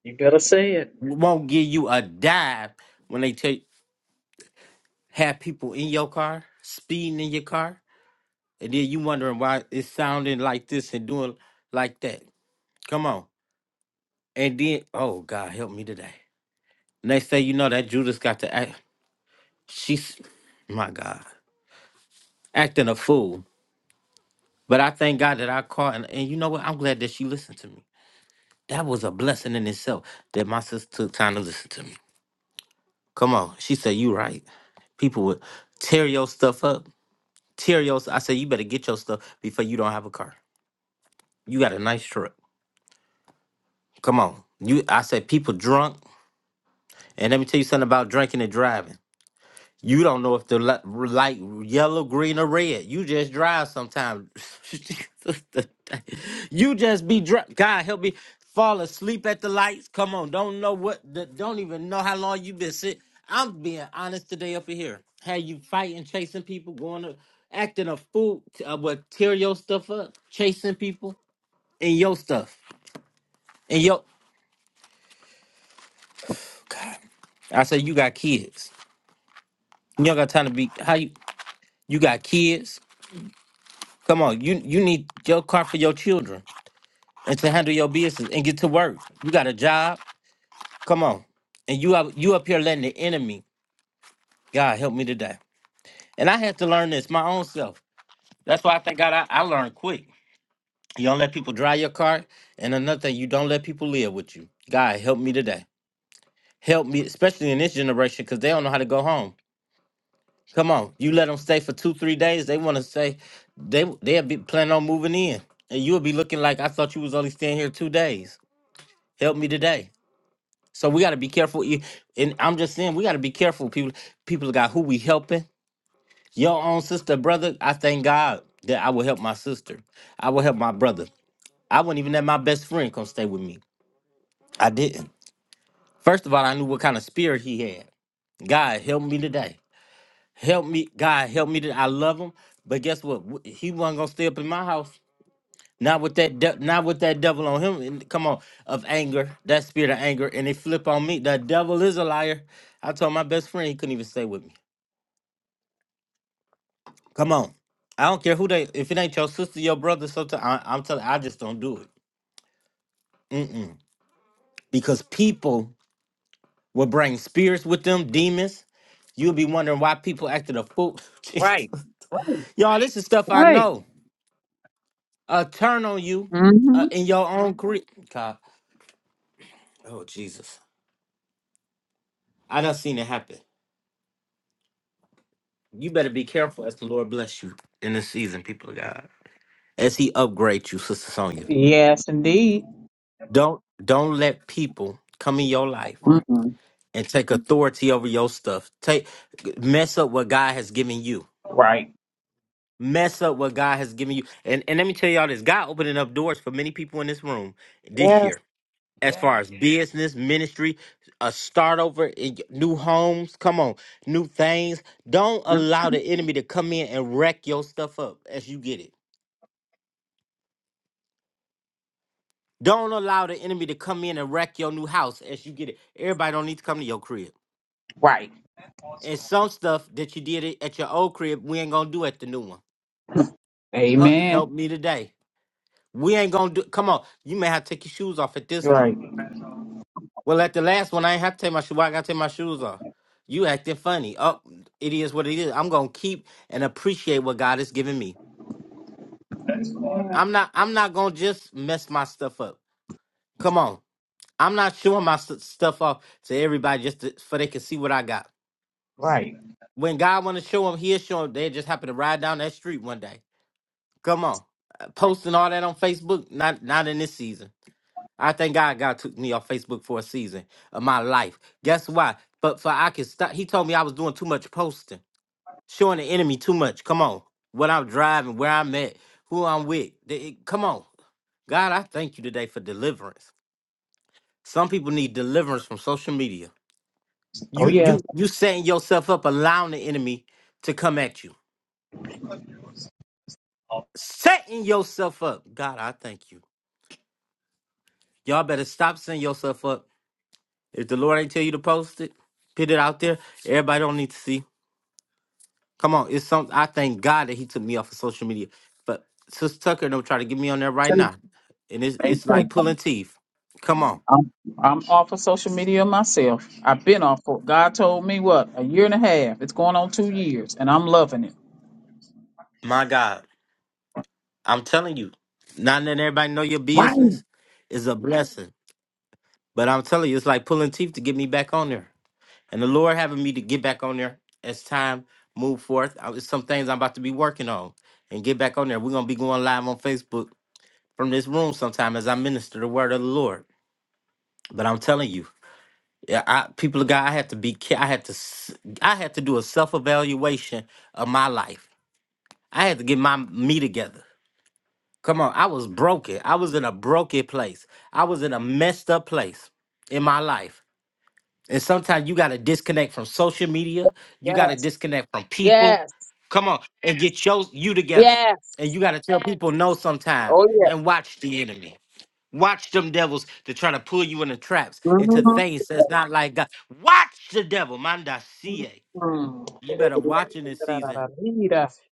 Speaker 5: You better say it. Right. Right. Right. hmm Yes, indeed. hmm Right. Yes. Yeah. Mhm. Right. Amen. Right. Right. Oh yeah. So I'm I'm off of social media myself. I've been off. For, God told me what a year and a half. It's going on two years, and I'm loving it. Right. Yes, yes, yes. Oh yeah. Mhm. Mhm. [laughs]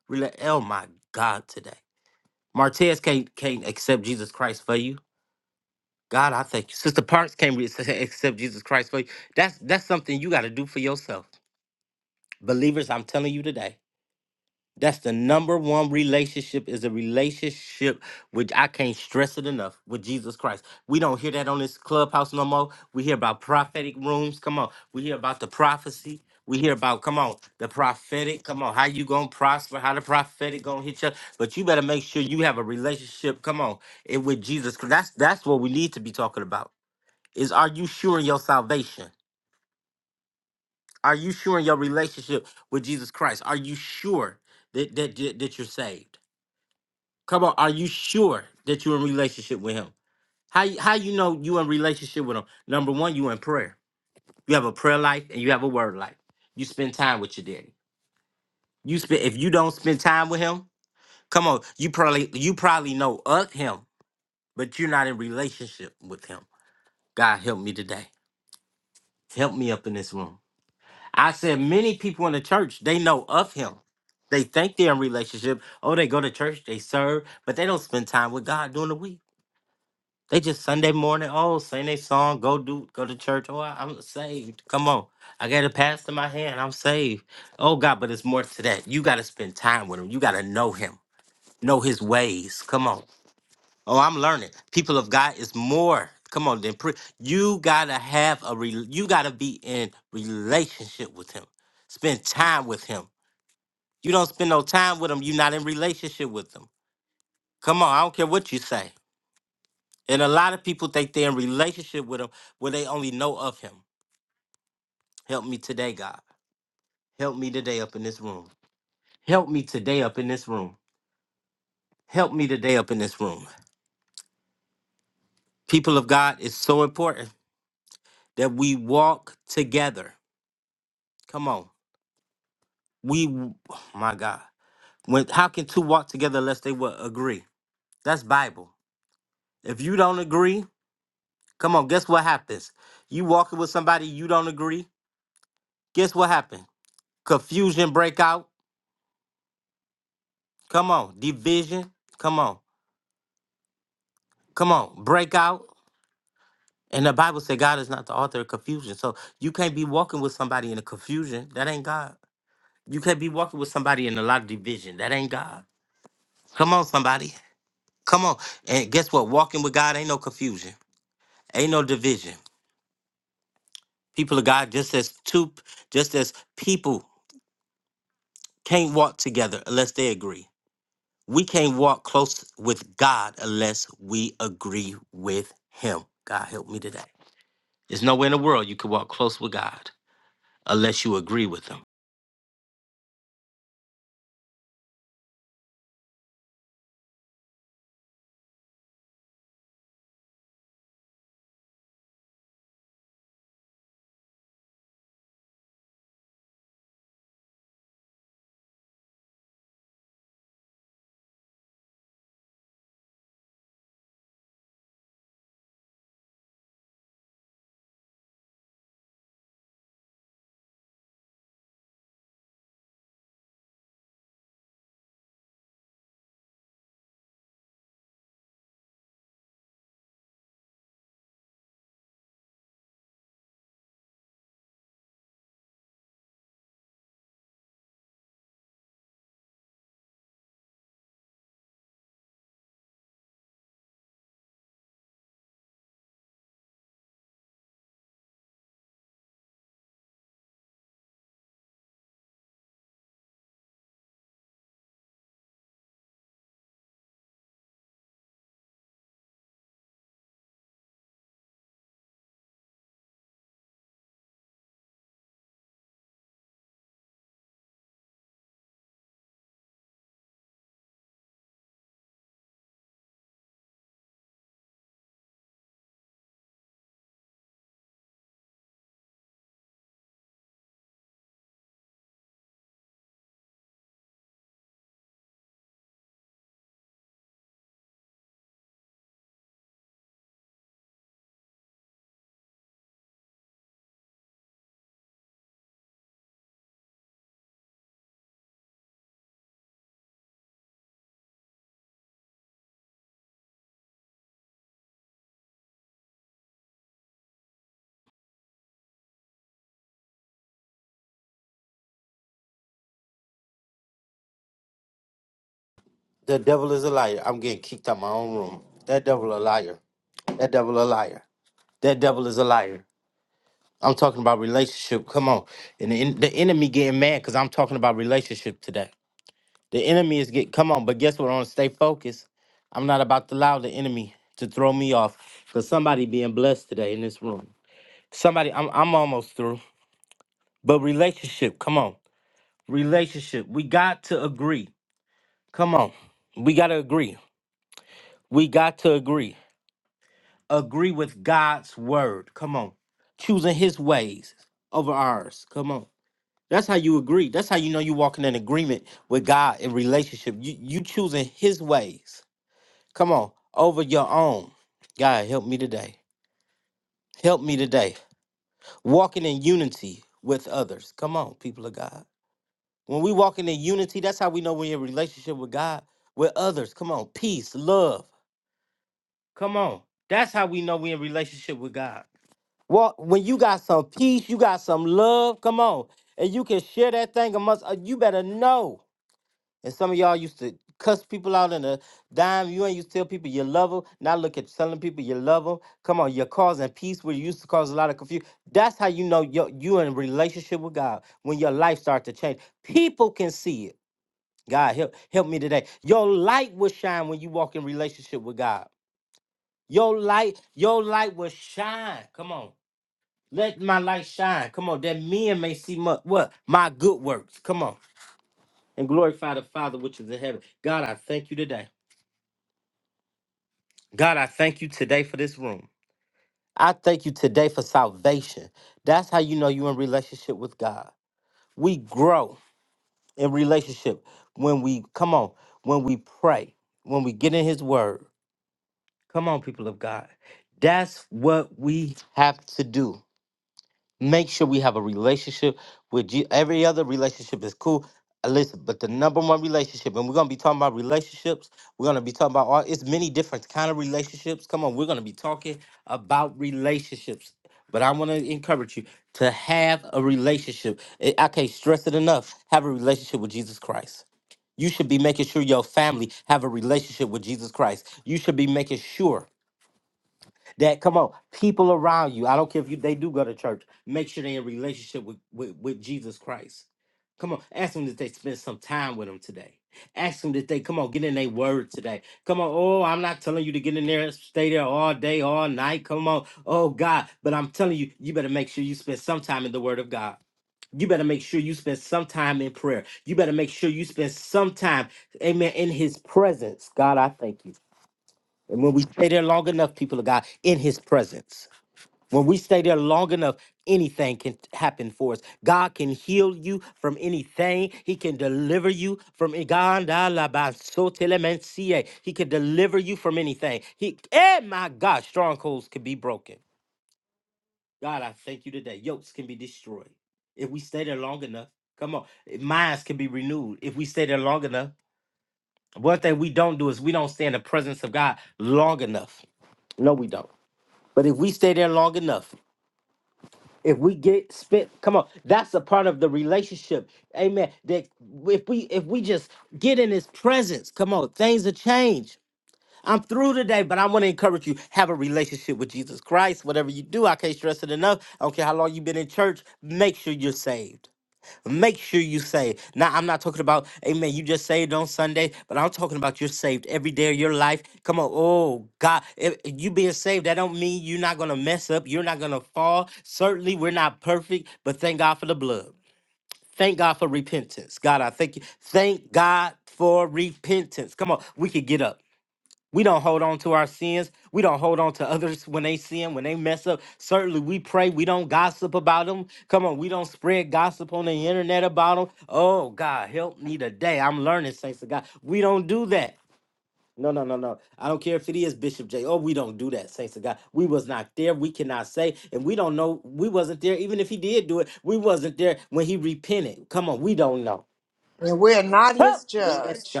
Speaker 7: and we're not his judge.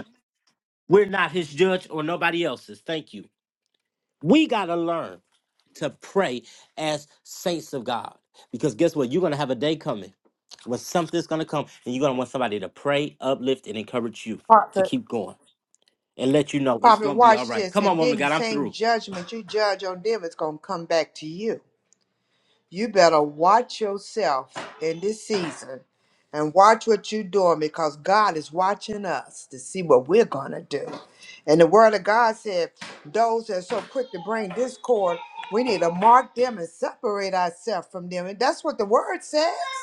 Speaker 7: Prophet. Prophet, watch this. And then the same judgment you judge on them is going to come back to you. You better watch yourself in this season and watch what you're doing because God is watching us to see what we're going to do. And the word of God said, those that are so quick to bring discord, we need to mark them and separate ourselves from them. And that's what the word says.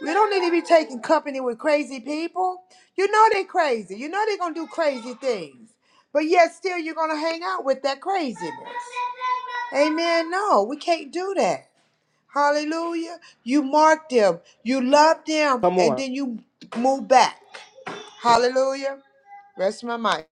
Speaker 7: We don't need to be taking company with crazy people. You know they're crazy. You know they're gonna do crazy things. But yet still you're gonna hang out with that craziness. Amen. No, we can't do that. Hallelujah. You mark them, you love them, and then you move back. Hallelujah. Rest my mind.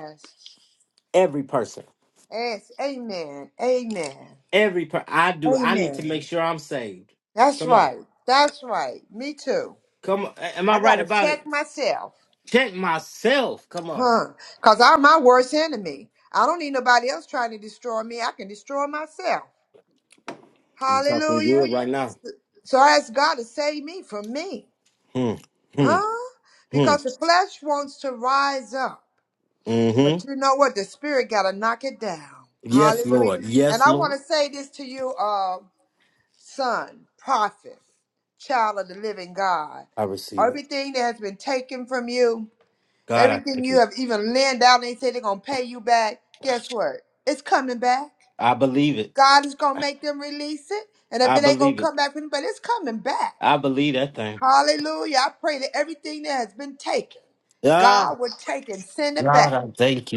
Speaker 7: Yes. Yes. Amen. Amen. Amen. That's right. That's right. Me too. I gotta check myself. Huh? Because I'm my worst enemy. I don't need nobody else trying to destroy me. I can destroy myself. Hallelujah. So I ask God to save me from me. Huh? Because the flesh wants to rise up. But you know what? The spirit got to knock it down. Hallelujah. And I want to say this to you, uh, son, prophet, child of the living God. Everything that has been taken from you. Everything you have even lent out, they say they're gonna pay you back. Guess what? It's coming back. God is gonna make them release it, and if it ain't gonna come back for them, but it's coming back. Hallelujah! I pray that everything that has been taken, God will take and send it back.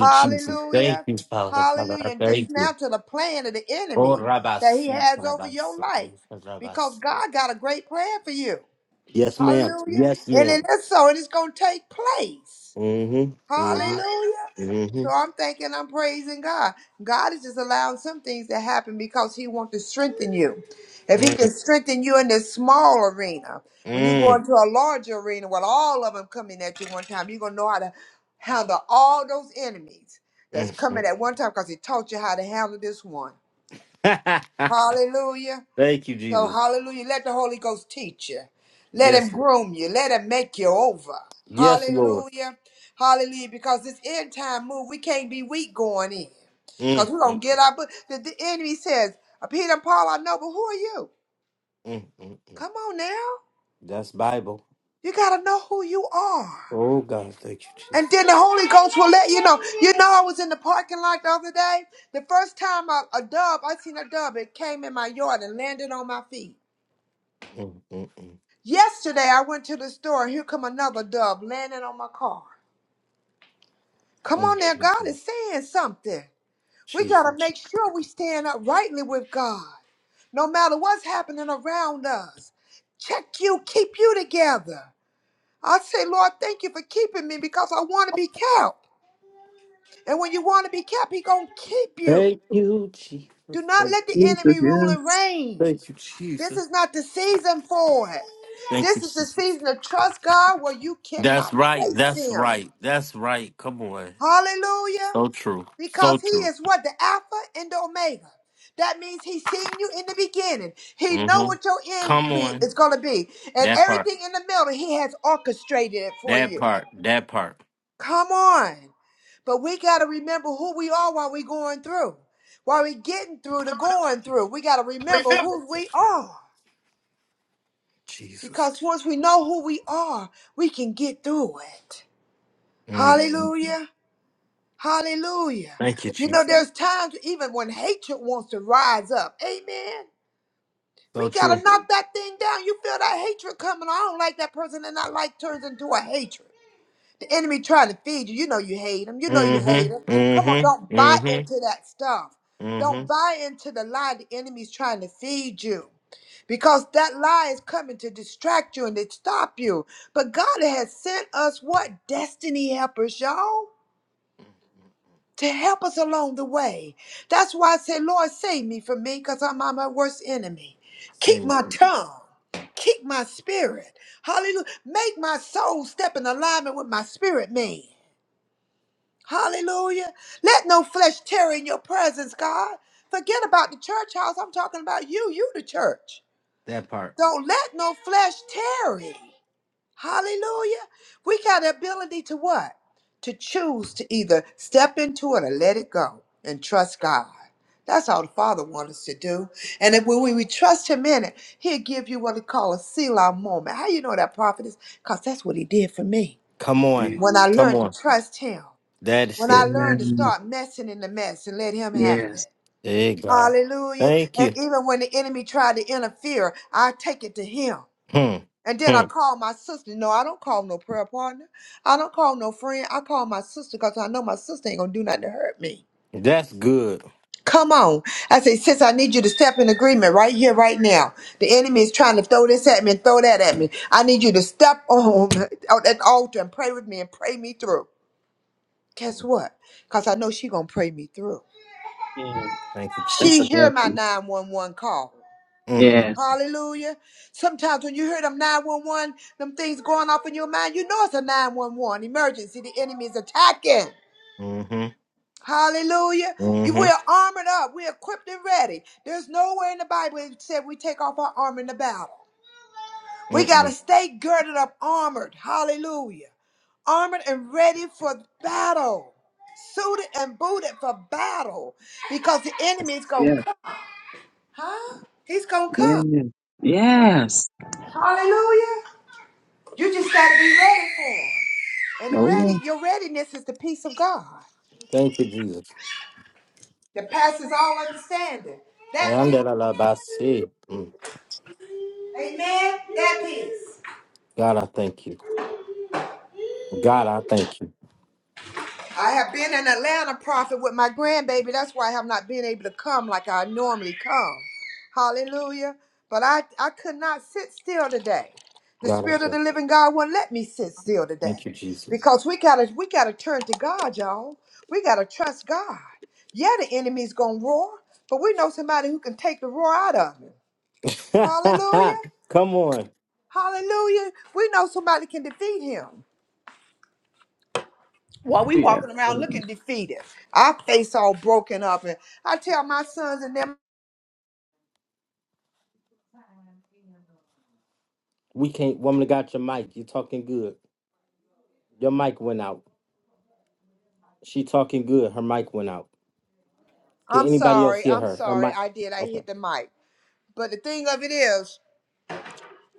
Speaker 7: Hallelujah! Hallelujah! And dismantle the plan of the enemy that he has over your life, because God got a great plan for you. Hallelujah! And it is so, and it's gonna take place. Hallelujah. So I'm thanking, I'm praising God. God is just allowing some things to happen because He wants to strengthen you. If He can strengthen you in this small arena, when you go into a larger arena with all of them coming at you one time, you're going to know how to handle all those enemies that's coming at one time because He taught you how to handle this one. Hallelujah. So, hallelujah. Let the Holy Ghost teach you. Let him groom you. Let him make you over. Hallelujah. Hallelujah. Because this end time move, we can't be weak going in. Because we're going to get our. But the, the enemy says, uh, Peter and Paul, I know, but who are you? Come on now. You got to know who you are. And then the Holy Ghost will let you know. You know, I was in the parking lot the other day. The first time a, a dove, I seen a dove, it came in my yard and landed on my feet. Yesterday I went to the store. Here come another dove landing on my car. Come on there, God is saying something. We gotta make sure we stand up rightly with God, no matter what's happening around us. Check you, keep you together. I say, Lord, thank you for keeping me because I want to be kept. And when you want to be kept, He gonna keep you. Do not let the
Speaker 5: Jesus,
Speaker 7: enemy rule and
Speaker 5: yes.
Speaker 7: reign. This is not the season for it. This is the season to trust God where you cannot trace Him. Hallelujah. Because he is what? The Alpha and the Omega. That means he's seen you in the beginning. He know what your end be- is going to be. And everything in the middle, he has orchestrated it for you. Come on. But we got to remember who we are while we going through. While we getting through the going through, we got to remember who we are. Because once we know who we are, we can get through it. Hallelujah. Hallelujah. You know, there's times even when hatred wants to rise up. Amen. We gotta knock that thing down. You feel that hatred coming. I don't like that person, and that like turns into a hatred. The enemy trying to feed you. You know you hate him. You know you hate him. Come on, don't buy into that stuff. Don't buy into the lie the enemy's trying to feed you. Because that lie is coming to distract you and to stop you. But God has sent us what? Destiny helpers, y'all to help us along the way. That's why I say, Lord, save me from me because I'm my worst enemy. Keep my tongue. Keep my spirit. Hallelujah. Make my soul step in alignment with my spirit man. Hallelujah. Let no flesh tarry in your presence, God. Forget about the church house. I'm talking about you. You the church. Don't let no flesh tarry. Hallelujah. We got the ability to what? To choose to either step into it or let it go and trust God. That's all the Father wants us to do. And if when we, we trust Him in it, He'll give you what He call a Selah moment. How you know that prophet is? Because that's what He did for me. When I learned to trust Him, when I learned to
Speaker 5: Amen.
Speaker 7: start messing in the mess and let Him have
Speaker 5: Yes.
Speaker 7: it. Hallelujah. And even when the enemy tried to interfere, I take it to Him. And then I call my sister. No, I don't call no prayer partner. I don't call no friend. I call my sister because I know my sister ain't gonna do nothing to hurt me. Come on. I say, sis, I need you to step in agreement right here, right now. The enemy is trying to throw this at me and throw that at me. I need you to step on [laughs] on that altar and pray with me and pray me through. Guess what? Because I know she gonna pray me through.
Speaker 5: Yes. That's a
Speaker 7: She hear my
Speaker 5: blessing.
Speaker 7: 911 call.
Speaker 5: Yes.
Speaker 7: Hallelujah. Sometimes when you hear them 911, them things going off in your mind, you know it's a 911 emergency. The enemy is attacking. Hallelujah. You we're armored up. We're equipped and ready. There's nowhere in the Bible it said we take off our armor in the battle. We gotta stay girded up, armored. Hallelujah. Armored and ready for battle. Suited and booted for battle. Because the enemy is gonna
Speaker 5: Yes.
Speaker 7: come. Huh? He's gonna come.
Speaker 5: Yes. Yes.
Speaker 7: Hallelujah. You just got to be ready for him. And the ready,
Speaker 5: Oh
Speaker 7: your readiness is the peace of God that passes all understanding. That peace. Amen? That peace. I have been in Atlanta, Prophet, with my grandbaby. That's why I have not been able to come like I normally come. Hallelujah. But I, I could not sit still today. The Spirit of the Living God won't let me sit still today. Because we gotta we gotta turn to God, y'all. We gotta trust God. Yeah, the enemy's gonna roar, but we know somebody who can take the roar out of him. Hallelujah. Hallelujah. We know somebody can defeat him. While we
Speaker 5: yeah.
Speaker 7: walking around looking defeated, our face all broken up, and I tell my sons and them, "I'm sorry, I'm sorry, I did, I hit the mic." But the thing of it is,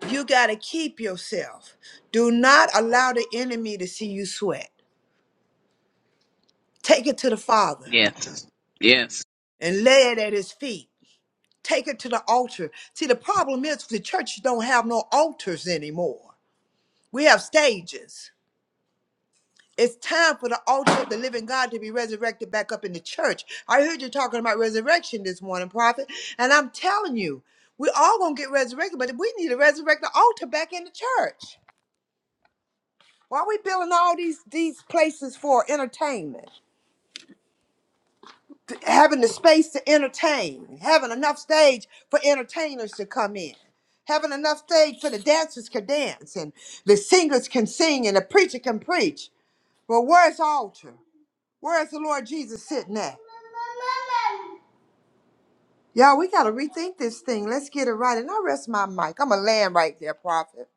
Speaker 7: you gotta keep yourself. Do not allow the enemy to see you sweat. Take it to the Father
Speaker 5: Yeah. Yes. Yes.
Speaker 7: and lay it at His feet. Take it to the altar. See, the problem is the churches don't have no altars anymore. We have stages. It's time for the altar of the living God to be resurrected back up in the church. I heard you talking about resurrection this morning, prophet, and I'm telling you, we all gonna get resurrected, but we need to resurrect the altar back in the church. Why are we building all these these places for entertainment? Th- Having the space to entertain, having enough stage for entertainers to come in, having enough stage for the dancers can dance and the singers can sing and the preacher can preach. But where's the altar? Where's the Lord Jesus sitting at? Y'all, we got to rethink this thing. Let's get it right. And I rest my mic. I'm a land right there, Prophet.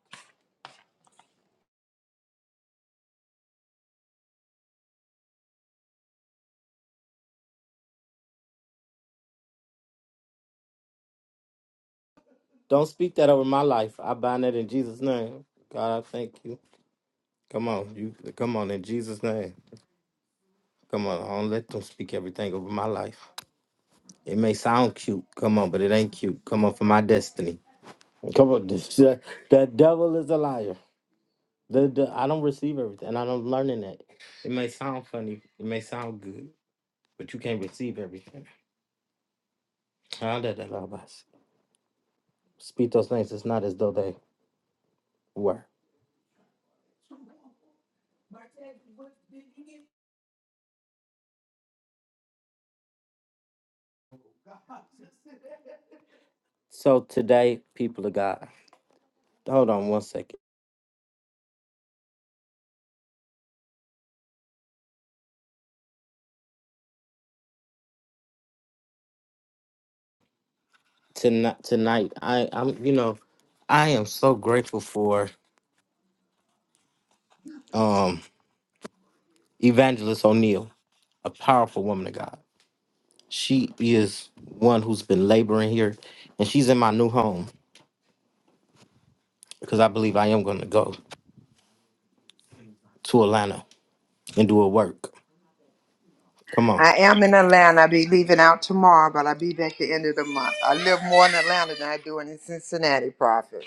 Speaker 7: I am in Atlanta. I'll be leaving out tomorrow, but I'll be back the end of the month. I live more in Atlanta than I do in Cincinnati, Prophet.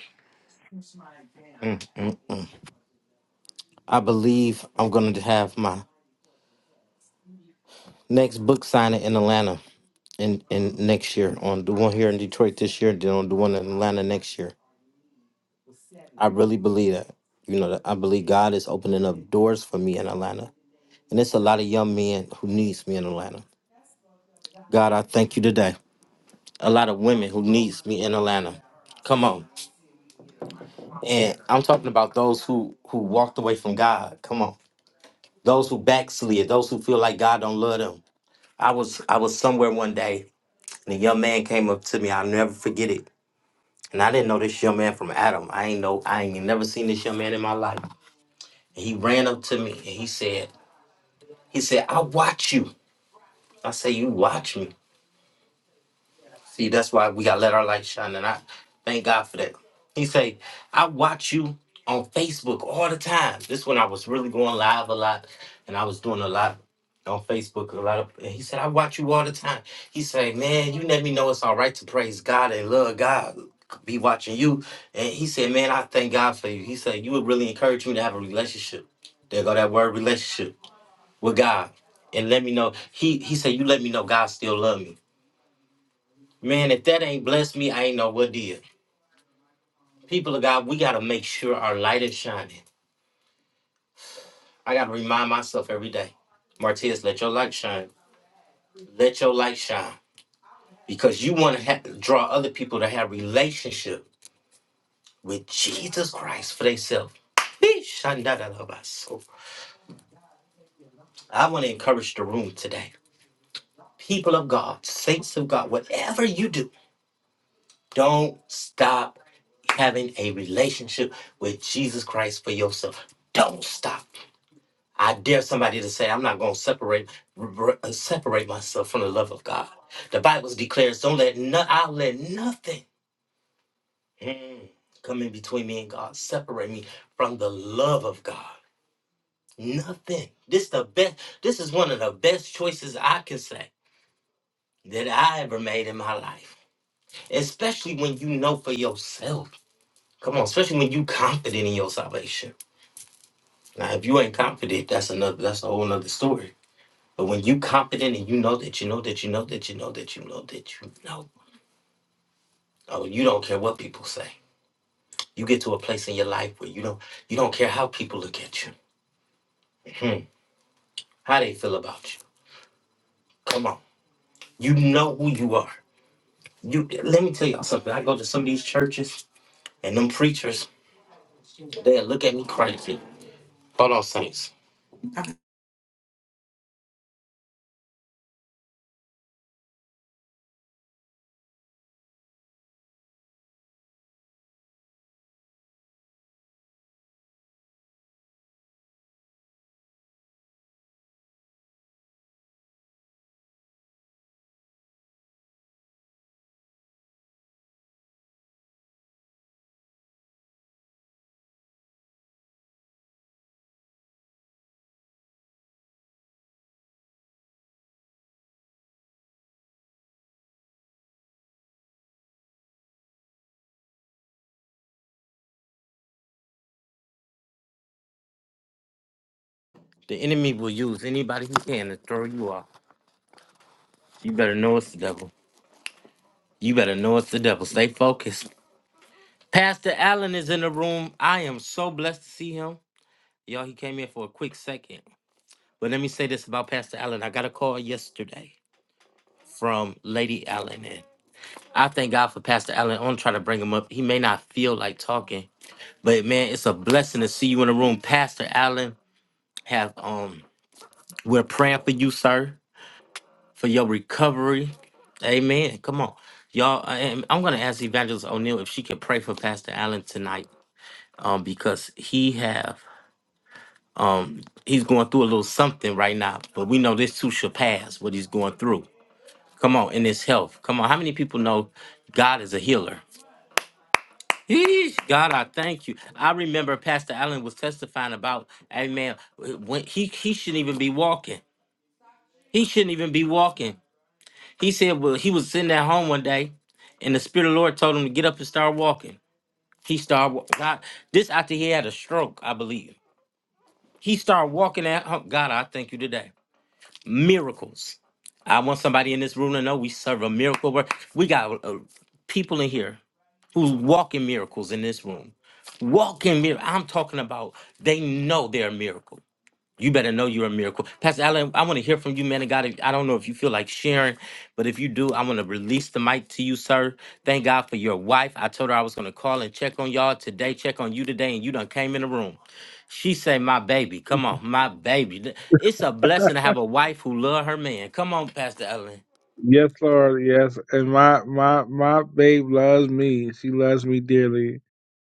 Speaker 8: Yes, Lord. Yes, and my my my babe loves me. She loves me dearly.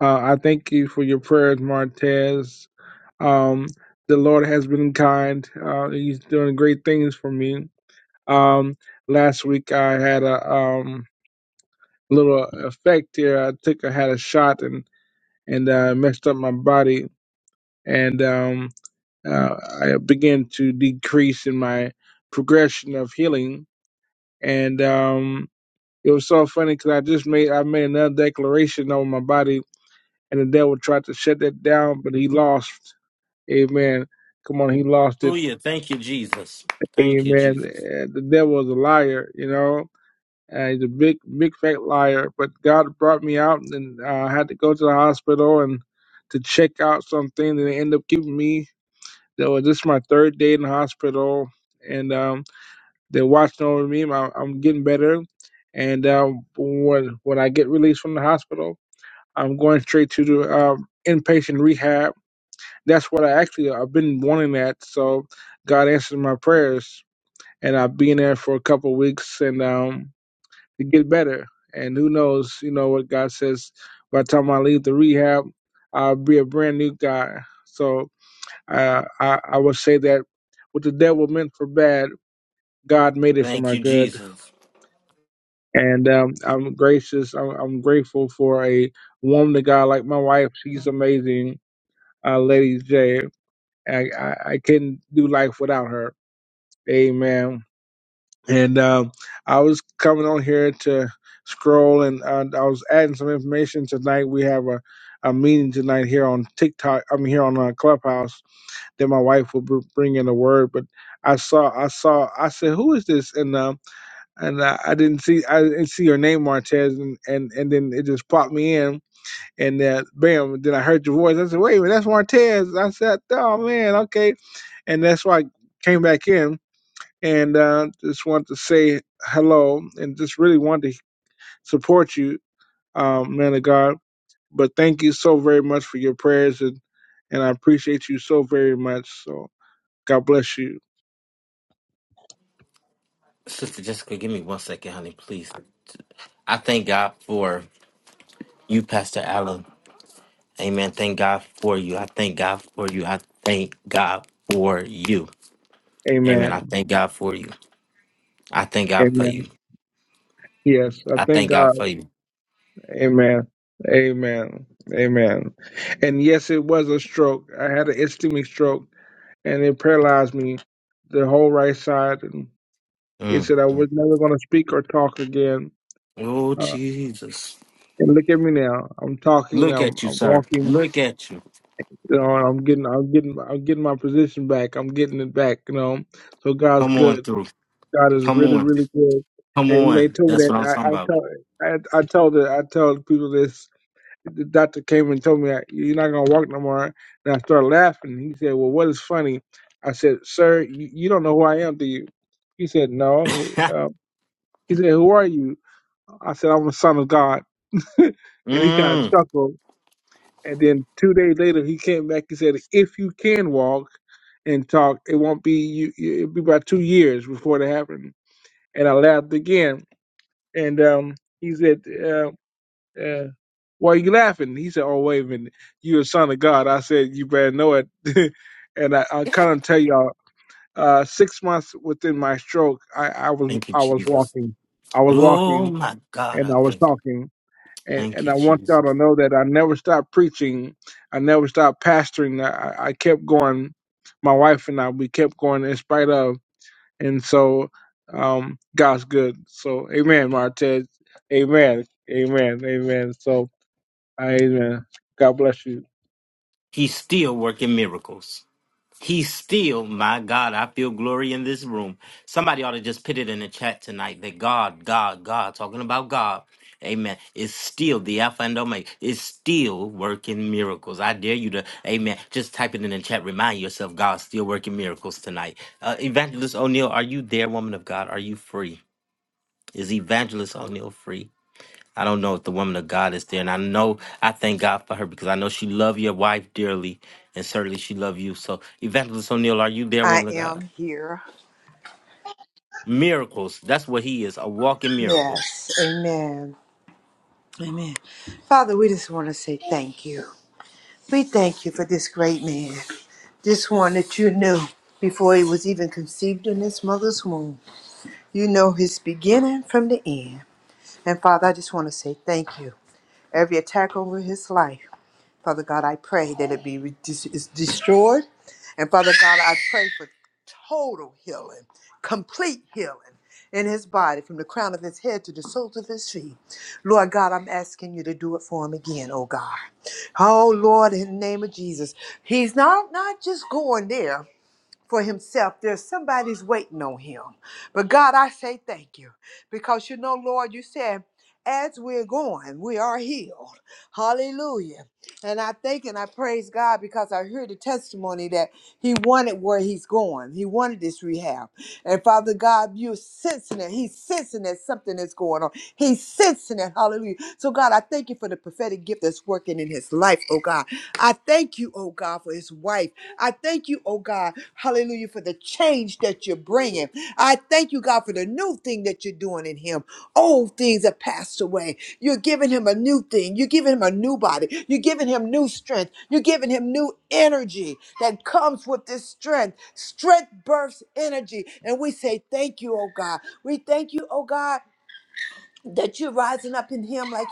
Speaker 8: Uh, I thank you for your prayers, Martez. Um, the Lord has been kind. Uh, he's doing great things for me. Um, last week I had a um little effect here. I took I had a shot and and uh, messed up my body, and um, uh, I began to decrease in my progression of healing, and um. It was so funny because I just made I made another declaration on my body, and the devil tried to shut that down, but he lost. Amen. Come on, he lost it. Amen. Uh, The devil is a liar, you know. Uh, he's a big, big fat liar. But God brought me out, and uh, I had to go to the hospital and to check out something, and they ended up keeping me. That was this is my third day in the hospital, and um, they're watching over me. I'm, I'm getting better, and um, when when I get released from the hospital. I'm going straight to the um, inpatient rehab. That's what I actually I've been wanting that. So God answered my prayers, and I've been there for a couple of weeks and um, to get better. And who knows, you know what God says. By the time I leave the rehab, I'll be a brand new guy. So uh, I I would say that what the devil meant for bad, God made it for my good. And um, I'm gracious. I'm, I'm grateful for a woman, to God like my wife. She's amazing uh, Lady J. I, I, I couldn't do life without her. Amen. And um, I was coming on here to scroll, and uh, I was adding some information tonight. We have a, a meeting tonight here on TikTok. I'm here on uh, Clubhouse. That my wife will br- bring in a word, but I saw, I saw, I said, "Who is this?" And uh, and uh, I didn't see, I didn't see your name, Martez, and, and and then it just popped me in and then, bam, then I heard your voice. I said, wait a minute, that's Martez. I said, oh, man, okay. And that's why I came back in and uh, just wanted to say hello and just really wanted to support you, um, man of God. But thank you so very much for your prayers, and, and I appreciate you so very much. So God bless you. Amen. Amen. Yes, I thank God. Amen. Amen. Amen. And yes, it was a stroke. I had an ischemic stroke and it paralyzed me, the whole right side. And he said I was never going to speak or talk again. Uh, and look at me now. I'm talking. I'm, I'm walking. You know, and I'm getting. I'm getting. I'm getting my position back. I'm getting it back. You know, so God's good. God is really, really good. And when they told me that, I, I told, I, I told, it, I told people this the doctor came and told me you're not gonna walk no more. And I started laughing. He said, "Well, what is funny?" I said, "Sir, you, you don't know who I am, do you?" He said, "No." Uh, he said, "Who are you?" I said, "I'm the son of God." [laughs] and he kind of chuckled. And then two days later, he came back. He said, "If you can walk and talk, it won't be you. you- It'll be about two years before it happened." And I laughed again. And um, he said. Uh, uh, Why are you laughing? He said, Oh, wait a minute. You a son of God. I said, You better know it. [laughs] and I, I kind of tell y'all, uh, six months within my stroke, I, I was I was walking. I was walking and I was talking. And, and I want y'all to know that I never stopped preaching. I never stopped pastoring. I, I I kept going. My wife and I, we kept going in spite of. And so um, God's good. So, amen, Martez. Amen. Amen. Amen. So, Amen. God bless you.
Speaker 7: I am here. Yes. Amen. Amen. Father, we just want to say thank you. We thank you for this great man, this one that you knew before he was even conceived in his mother's womb. You know his beginning from the end. And Father, I just want to say thank you Every attack over his life, Father God, I pray that it be re- dis- is destroyed. And Father God, I pray for total healing, complete healing in his body, from the crown of his head to the soles of his feet. Lord God, I'm asking you to do it for him again, oh God. Oh Lord, in the name of Jesus. He's not, not just going there for himself. There's somebody's waiting on him. But God, I say thank you because you know, Lord, you said, as we're going, we are healed. Hallelujah. And I thank and I praise God because I hear the testimony that He wanted where He's going. He wanted this rehab. And Father God, you're sensing it. He's sensing that something is going on. He's sensing it. Hallelujah. So, God, I thank you for the prophetic gift that's working in His life, oh God. I thank you, oh God, for His wife. I thank you, oh God, hallelujah, for the change that you're bringing. I thank you, God, for the new thing that you're doing in him. Old things have passed away. You're giving him a new thing. You're giving him a new body. You're giving him new strength. You're giving him new energy that comes with this strength. Strength births energy. And we say, Thank you, oh God. We thank you, oh God that you're rising up in him like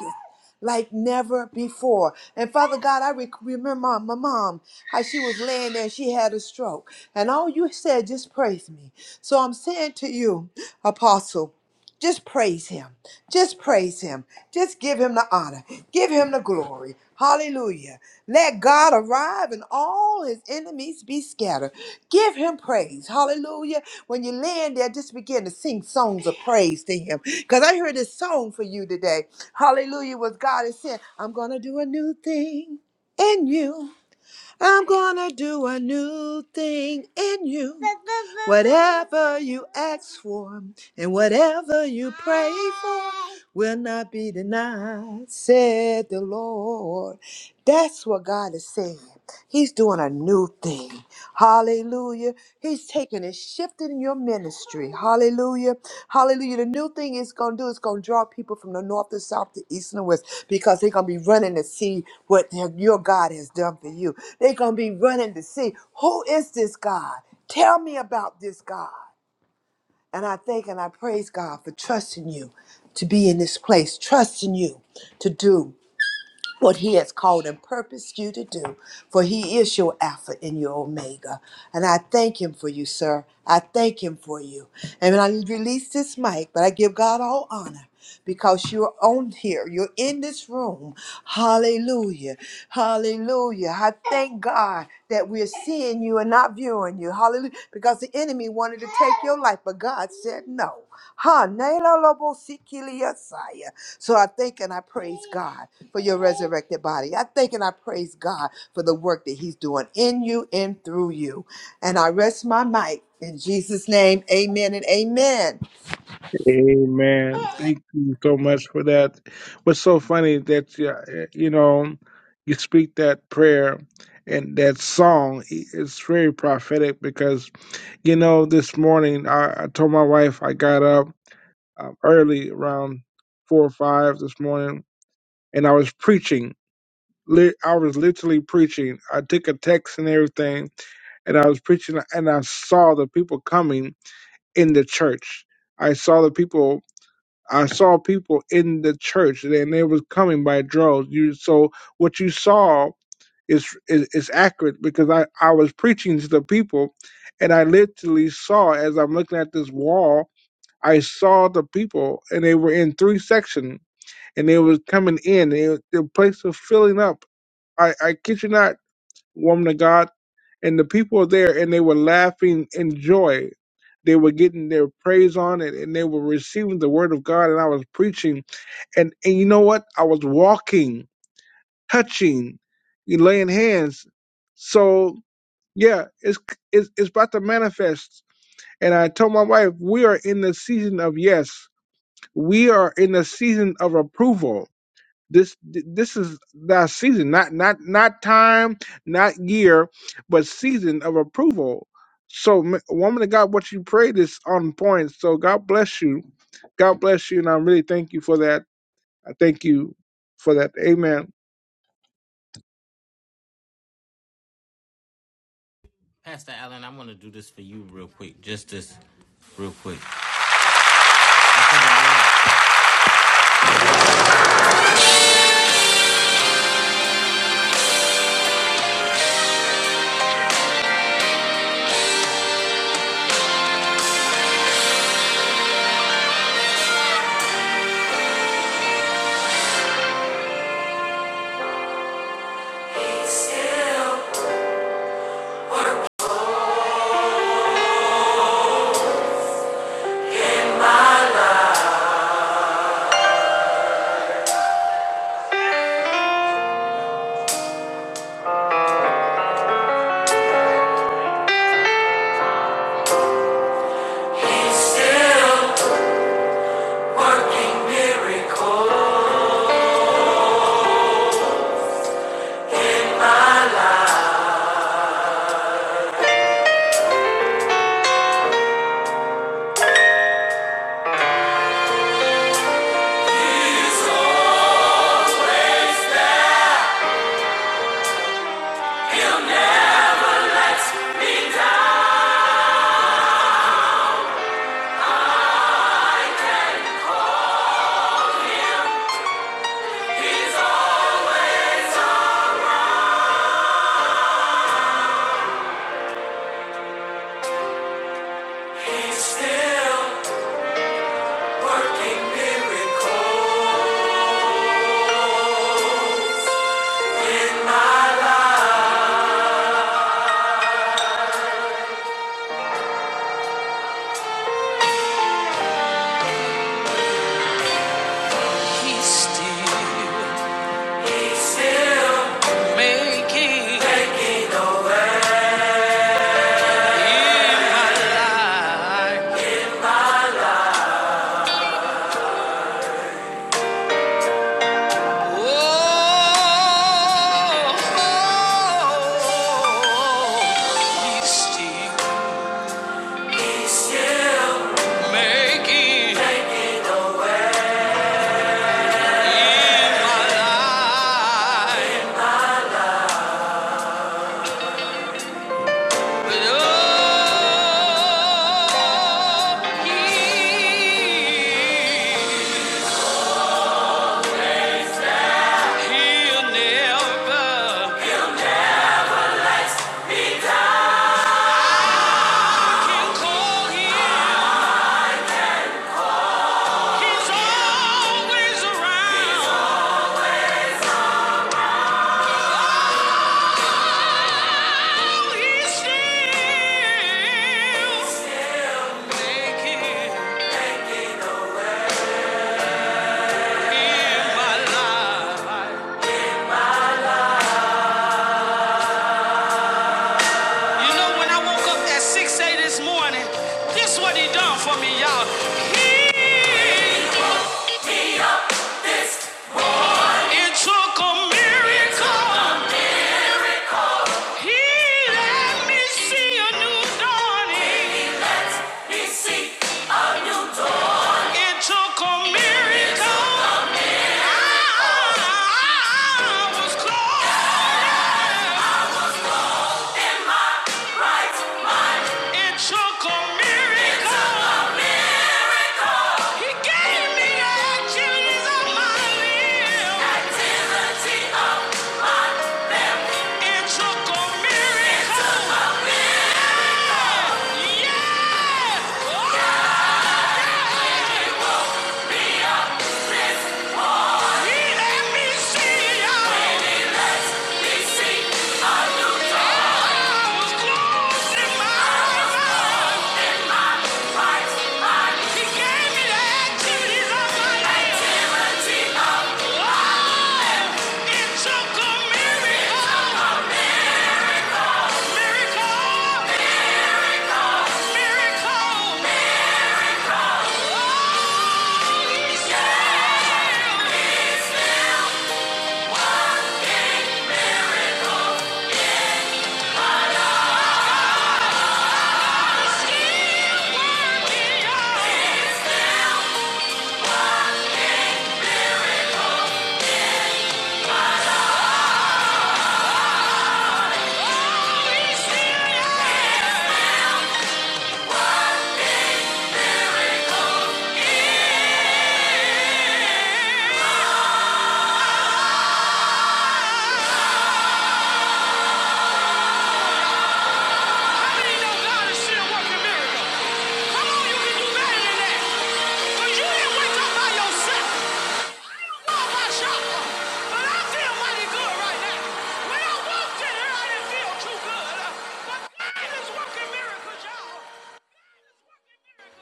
Speaker 7: like never before. And Father God, I rec- remember my, my mom, how she was laying there, she had a stroke. And all you said, just praise me. So I'm saying to you, Apostle, just praise him. Just praise him. Just give him the honor. Give him the glory. Hallelujah. Let God arrive and all his enemies be scattered. Give him praise. Hallelujah. When you land there, just begin to sing songs of praise to him. Because I heard this song for you today. Hallelujah. Was God is saying, I'm going to do a new thing in you. I'm gonna do a new thing in you. Whatever you ask for and whatever you pray for will not be denied, said the Lord. That's what God is saying. He's doing a new thing. Hallelujah. He's taking and shifting your ministry. Hallelujah. Hallelujah. The new thing it's going to do is going to draw people from the north, the south, the east, and west because they're going to be running to see what their, your God has done for you. They're going to be running to see who is this God? Tell me about this God. And I thank and I praise God for trusting you to be in this place, trusting you to do what he has called and purposed you to do, for he is your Alpha and your Omega. And I thank him for you, sir. I thank him for you. And I release this mic, but I give God all honor because you're on here. You're in this room. Hallelujah. Hallelujah. I thank God that we're seeing you and not viewing you. Hallelujah. Because the enemy wanted to take your life, but God said no. Ha, nela lobo sikili yasaya. So I thank and I praise God for your resurrected body. I thank and I praise God for the work that He's doing in you and through you. And I rest my mic in Jesus' name. Amen and amen.
Speaker 8: Amen. Thank you so much for that. What's so funny that you you know you speak that prayer and that song It's very prophetic because you know this morning I, I told my wife I got up um, early around four or five this morning and I was preaching. Li- I was literally preaching. I took a text and everything and I was preaching and I saw the people coming in the church. I saw the people. I saw people in the church, and they was coming by droves. You so what you saw is is, is accurate because I I was preaching to the people, and I literally saw as I'm looking at this wall. I saw the people, and they were in three sections, and they was coming in. They, the place was filling up. I I kid you not, woman of God. And the people were there and they were laughing in joy. They were getting their praise on it and they were receiving the word of God. And I was preaching. And, and you know what? I was walking, touching, you laying hands. So, yeah, it's, it's, it's about to manifest. And I told my wife, we are in the season of yes. We are in the season of approval this this is the season, not not not time, not year, but season of approval. So, m- woman of God, what you prayed is on point. So, God bless you. God bless you, and I really thank you for that. I thank you for that. Amen.
Speaker 9: he's still working miracles my life. He's still working miracles. He's still, he's still making a, he's still making a way out oh, he, will never, oh, Oh, You know, when I woke up at 6 a.m. this morning, this what he done for me, y'all. He it took a miracle. He let me see a new dawning. It took a miracle. I a miracle. He gave me the activities of my limbs. It a miracle. He let me see. Let me see. I was close in my He gave me the activities of my life. It took a miracle. Miracles, y'all.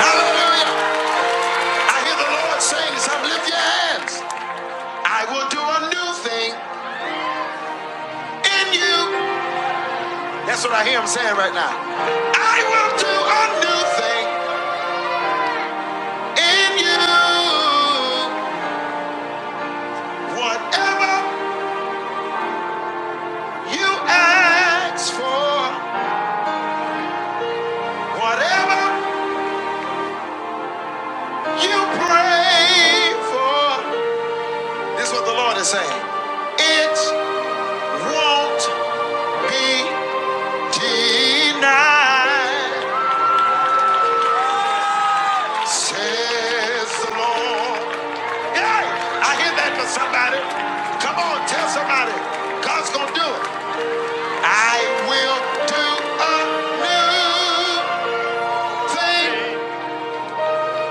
Speaker 9: Hallelujah. I hear the Lord saying this. i lift your hands. I will do a new thing in you. That's what I hear him saying right now. I will do a new thing in you. Whatever you ask for, whatever you pray for. This is what the Lord is saying. It won't be denied, says the Lord. Hey, I hear that for somebody. Come on, tell somebody. God's gonna do it. I will do a new thing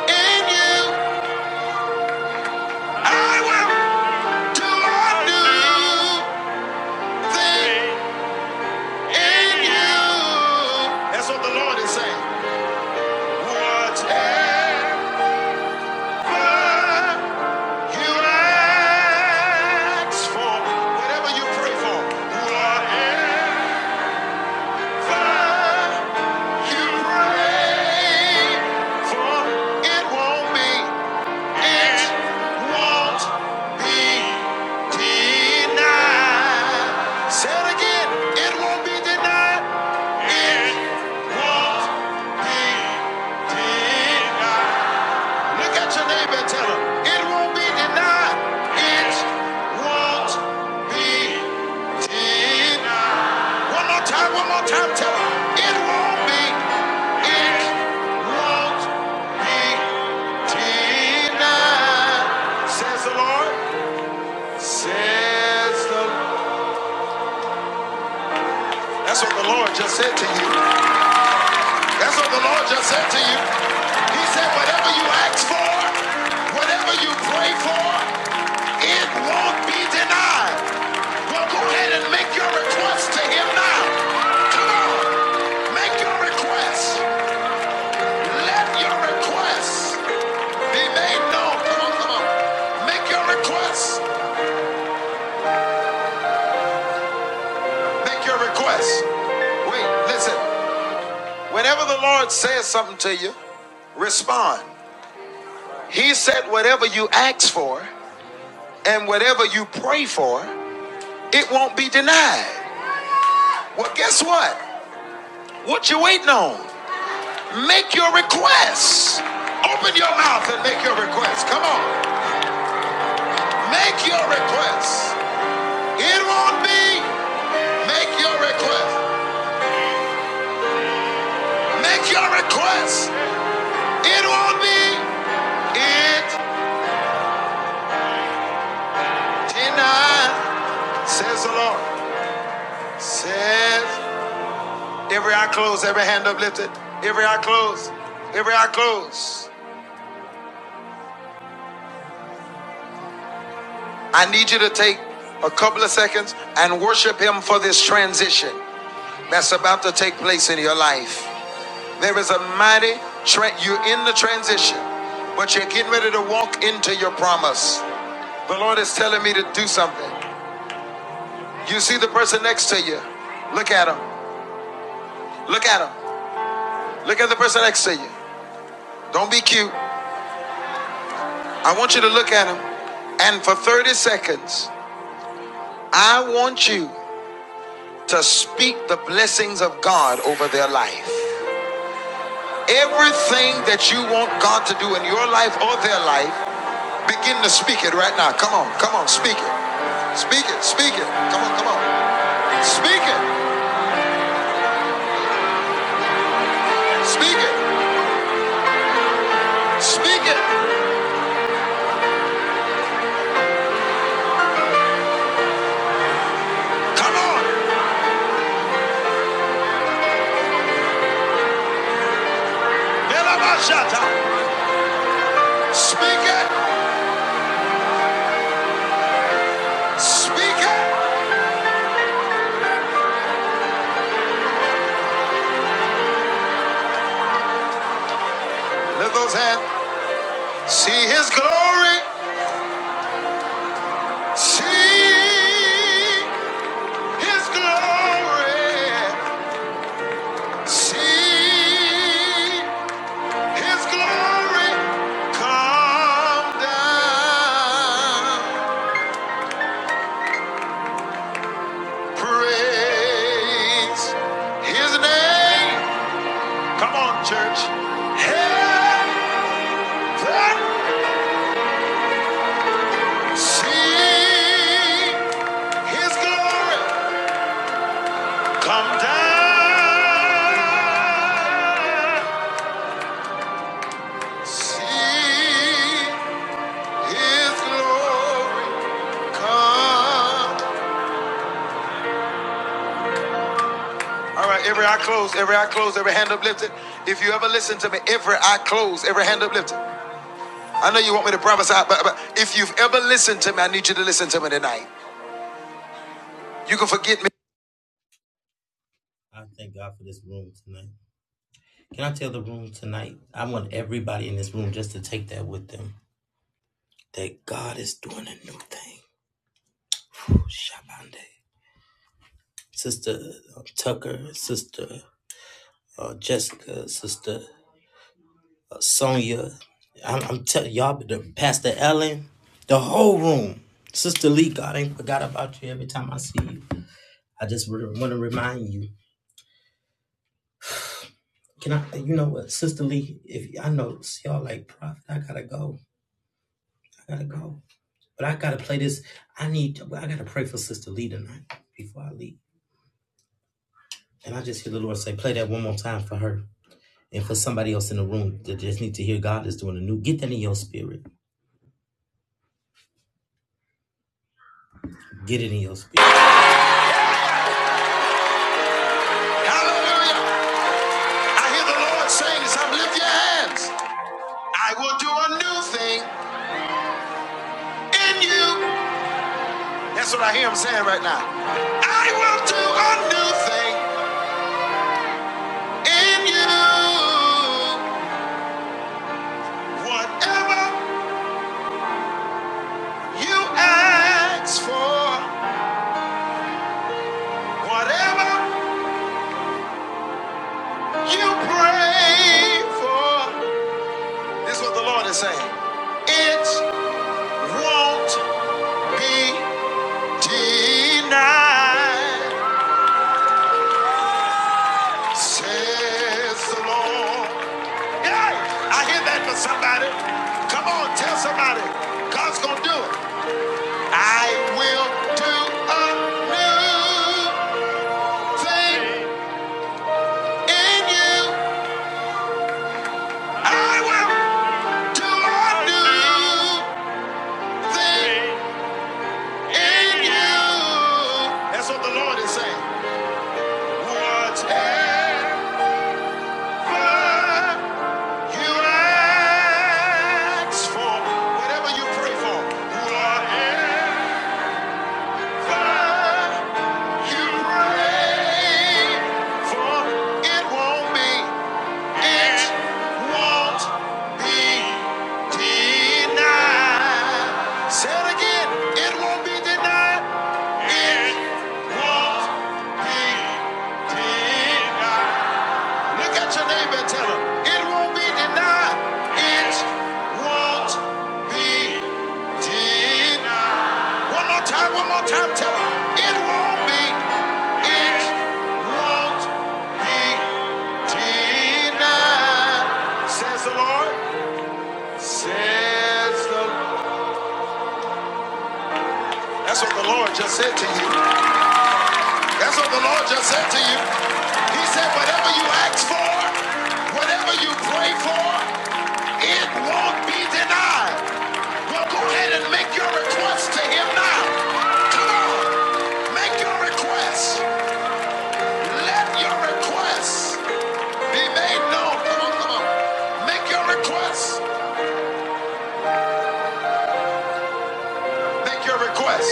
Speaker 9: in you. I will do a new thing in you. That's what the Lord is saying. Whatever you ask for, whatever you pray for, whatever. One more time. It won't be denied. That's what the Lord just said to you. He said, whatever you ask for, whatever you pray for, it won't be denied. Well, go ahead and make your request to him now. Make your request. Let your request be made known. Come on, come on. Make your request. Make your request. Wait, listen. Whenever the Lord says something to you, respond. He said, whatever you ask for and whatever you pray for. it won't be denied. Well, guess what? What you waiting on? Make your requests. Open your mouth and make your requests. Come on. Make your requests. It won't be. Make your request. Make your requests. It won't be. It denied, says the Lord. Says every eye closed, every hand uplifted. Every eye closed. Every eye closed. I need you to take a couple of seconds and worship Him for this transition that's about to take place in your life. There is a mighty, tra- you're in the transition, but you're getting ready to walk into your promise. The Lord is telling me to do something. You see the person next to you, look at him, look at him, look at the person next to you. Don't be cute. I want you to look at him, and for 30 seconds, I want you to speak the blessings of God over their life. Everything that you want God to do in your life or their life, begin to speak it right now. Come on, come on, speak it. Speak it, speak it. Come on, come on. Speak it, speak it, speak it. Come on. Speak it, speak it. Lift those hands. See his glory. See his glory. See His glory come down. Praise His name. Come on, church. Heaven see His glory come down. See His glory come All right, every eye closed, every eye closed, every hand uplifted. If you ever listen to me, every eye closed, every hand uplifted. I know you want me to promise, but, but if you've ever listened to me, I need you to listen to me tonight. You can forget me. Hallelujah. I hear the Lord saying this. I'm lift your hands. I will do a new thing in you. That's what I hear him saying right now. I will do a new thing in you. Whatever you ask for, whatever You pray for. This is what the Lord is saying. It won't be denied, says the Lord. Hey, I hear that for somebody. Come on, tell somebody. God's gonna do it. I will do a new thing in you. I will do a new thing. in you. That's what the Lord is saying. Whatever you ask for, whatever you pray for, whatever you pray for, it won't be. It won't be denied. Say again. It won't be denied. It won't be denied. Look at your neighbor and tell him, it won't be denied. It won't be denied. One more time, one more time, tell him, it won't be. It won't be denied. Says the Lord. Says the Lord. That's what the Lord just said to you. That's what the Lord just said to you. He said, whatever you ask for, whatever you pray for, it won't be denied. Well, go ahead and make your request to him now. Come on. Make your request. Let your request be made known. Come on, come on. Make your request. Make your request.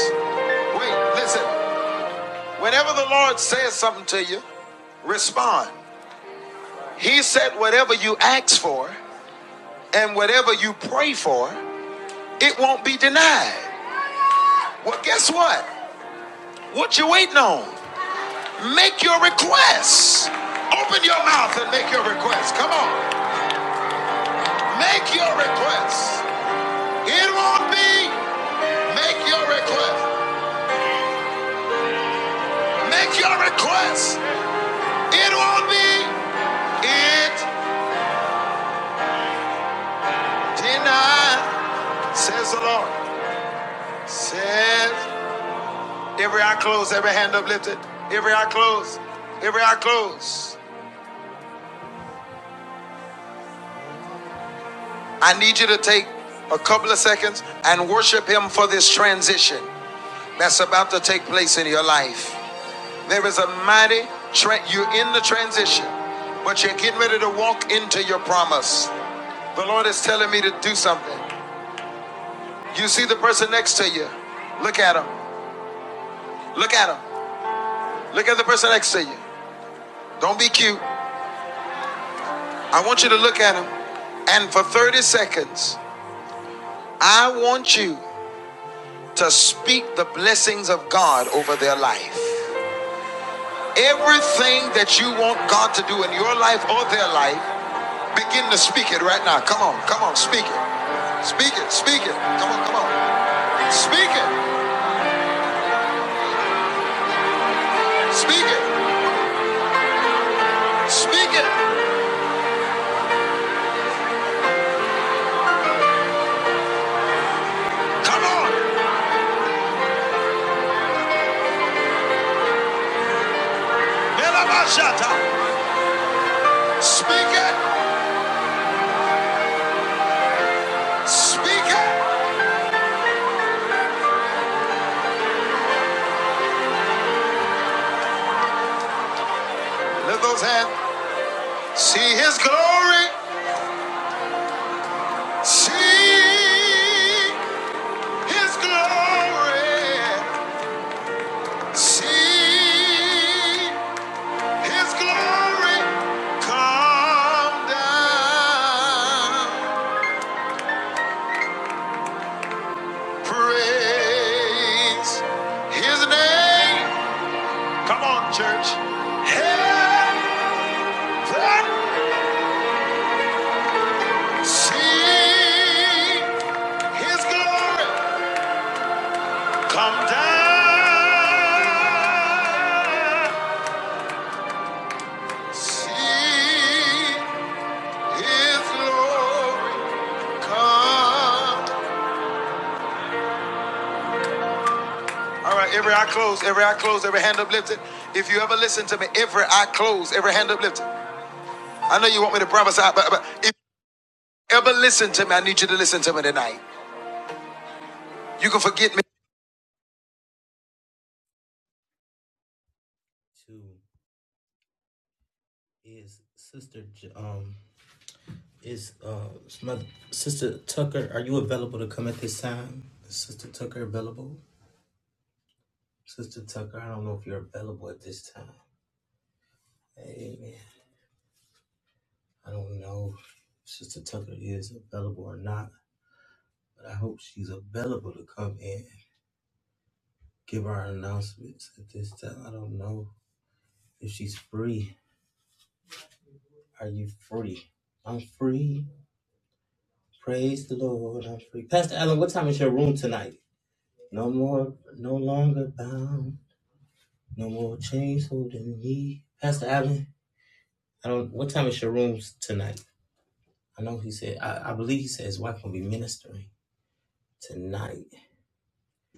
Speaker 9: Wait, listen. Whenever the Lord says something to you, respond. He said, whatever you ask for. And whatever you pray for, it won't be denied. Well, guess what? What you waiting on? Make your requests. Open your mouth and make your requests. Come on. Make your requests. It won't be. Make your requests. Make your requests. It won't be. It denied, says the Lord. Says every eye closed, every hand uplifted, every eye closed, every eye closed. I need you to take a couple of seconds and worship Him for this transition that's about to take place in your life. There is a mighty, tra- you're in the transition, but you're getting ready to walk into your promise. The Lord is telling me to do something. You see the person next to you. Look at him. Look at him. Look at the person next to you. Don't be cute. I want you to look at him. And for 30 seconds, I want you to speak the blessings of God over their life. Everything that you want God to do in your life or their life, begin to speak it right now. Come on, come on, speak it. Speak it, speak it. Come on, come on. Speak it, speak it, speak it. Come on. Melabashata. Speak it, speak it. Lift those hands. See his glory. See his glory. See His glory come down. Praise His name. Come on, church. Heaven, see His glory come down. See His glory come All right, every eye closed, every eye closed, every hand uplifted. If you ever listen to me, every eye closed, every hand uplifted. I know you want me to prophesy, but, but if you ever listen to me, I need you to listen to me tonight. You can forget me.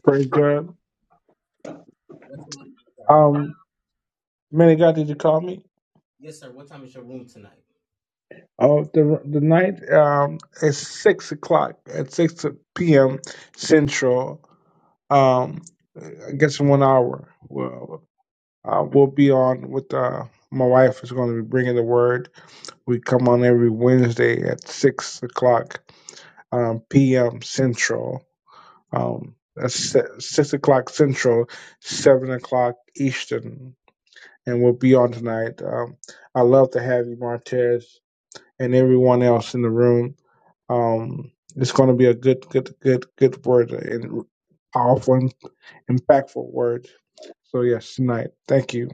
Speaker 8: Praise God. Um, man of God, did you call me? Oh, the the night um is six o'clock at six p.m. Central. Um, I guess in one hour. Well, Uh, we'll be on with uh, my wife is going to be bringing the word. We come on every Wednesday at six o'clock um, p.m. Central. Um, that's si- six o'clock Central, seven o'clock Eastern, and we'll be on tonight. Um, I love to have you, Martez, and everyone else in the room. Um, it's going to be a good, good, good, good word and powerful, impactful word. So yes, tonight. Thank you.